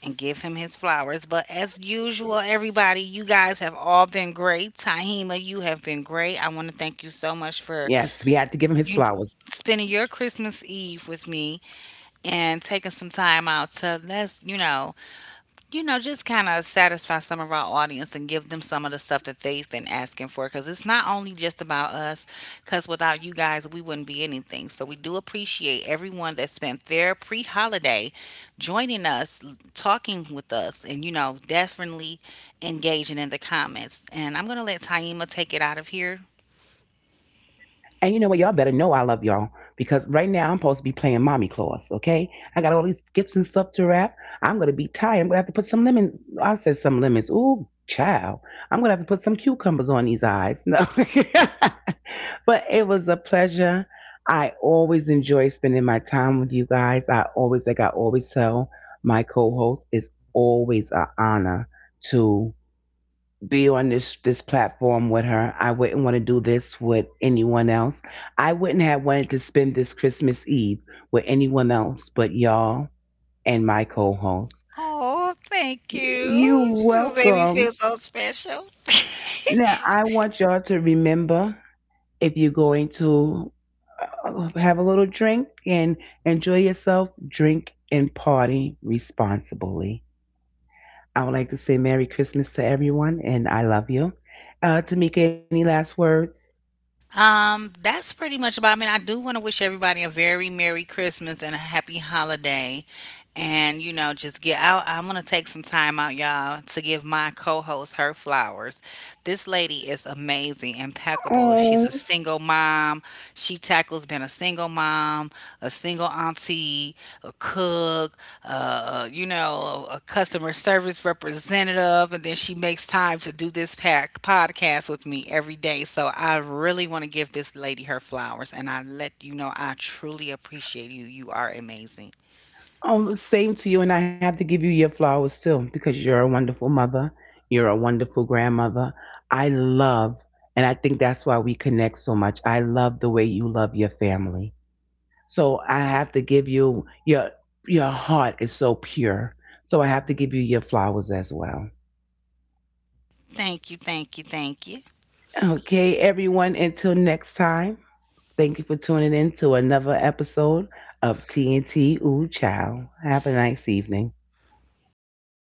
[SPEAKER 2] And give him his flowers. But as usual, everybody, you guys have all been great. Tahima,
[SPEAKER 1] Yes,
[SPEAKER 2] you
[SPEAKER 1] we
[SPEAKER 2] have
[SPEAKER 1] had to
[SPEAKER 2] been
[SPEAKER 1] give him his
[SPEAKER 2] great. I want to
[SPEAKER 1] flowers.
[SPEAKER 2] thank you so much for you spending your Christmas Eve with me and taking some time out to let's, you know, just kind of satisfy some of our audience and give them some of the stuff that they've been asking for, because it's not only just about us, because without you guys, we wouldn't be anything. So we do appreciate everyone that spent their pre holiday joining us, talking with us, and, you know, definitely engaging in the comments. And I'm going to let Taima take it out of here.
[SPEAKER 1] And you know what? Y'all better know I love y'all because right now I'm supposed to be playing mommy Claus, okay? I got all these gifts and stuff to wrap. I'm going to be tired. I'm going to have to put some lemon. I said some lemons. Ooh, child. I'm going to have to put some cucumbers on these eyes. No. But it was a pleasure. I always enjoy spending my time with you guys. I always, like I always tell my co host, it's always an honor to be on this platform with her. I wouldn't want to do this with anyone else. I wouldn't have wanted to spend this Christmas Eve with anyone else but y'all and my co-host.
[SPEAKER 2] Oh, thank you.
[SPEAKER 1] You're
[SPEAKER 2] You just made me
[SPEAKER 1] welcome.
[SPEAKER 2] feel so special.
[SPEAKER 1] Now, I want y'all to remember if you're going to have a little drink and enjoy yourself, drink and party responsibly. I would like to say Merry Christmas to everyone and I love you. Tamika, any last words?
[SPEAKER 2] That's pretty much about. I mean, I do want to wish everybody a very Merry Christmas and a Happy Holiday. And, you know, just get out. I'm gonna take some time out, y'all, to give my co-host her flowers. This lady is amazing, impeccable. She's
[SPEAKER 1] Oh.
[SPEAKER 2] a single mom. She tackles being a single mom, a single auntie, a cook, you know, a customer service representative, and then she makes time to do this pack podcast with me every day. So I really want to give this lady her flowers, and I, let you know, I truly appreciate you. You are amazing.
[SPEAKER 1] Oh, same to you, and I have to give you your flowers too because you're a wonderful mother. You're a wonderful grandmother. I love, and I think that's why we connect so much. I love the way you love your family. So I have to give you your heart is so pure. So I have to give you your flowers as well.
[SPEAKER 2] Thank you, thank you, thank you.
[SPEAKER 1] Okay, everyone, until next time. Thank you for tuning in to another episode of TNT. Ooh child. Have a nice evening.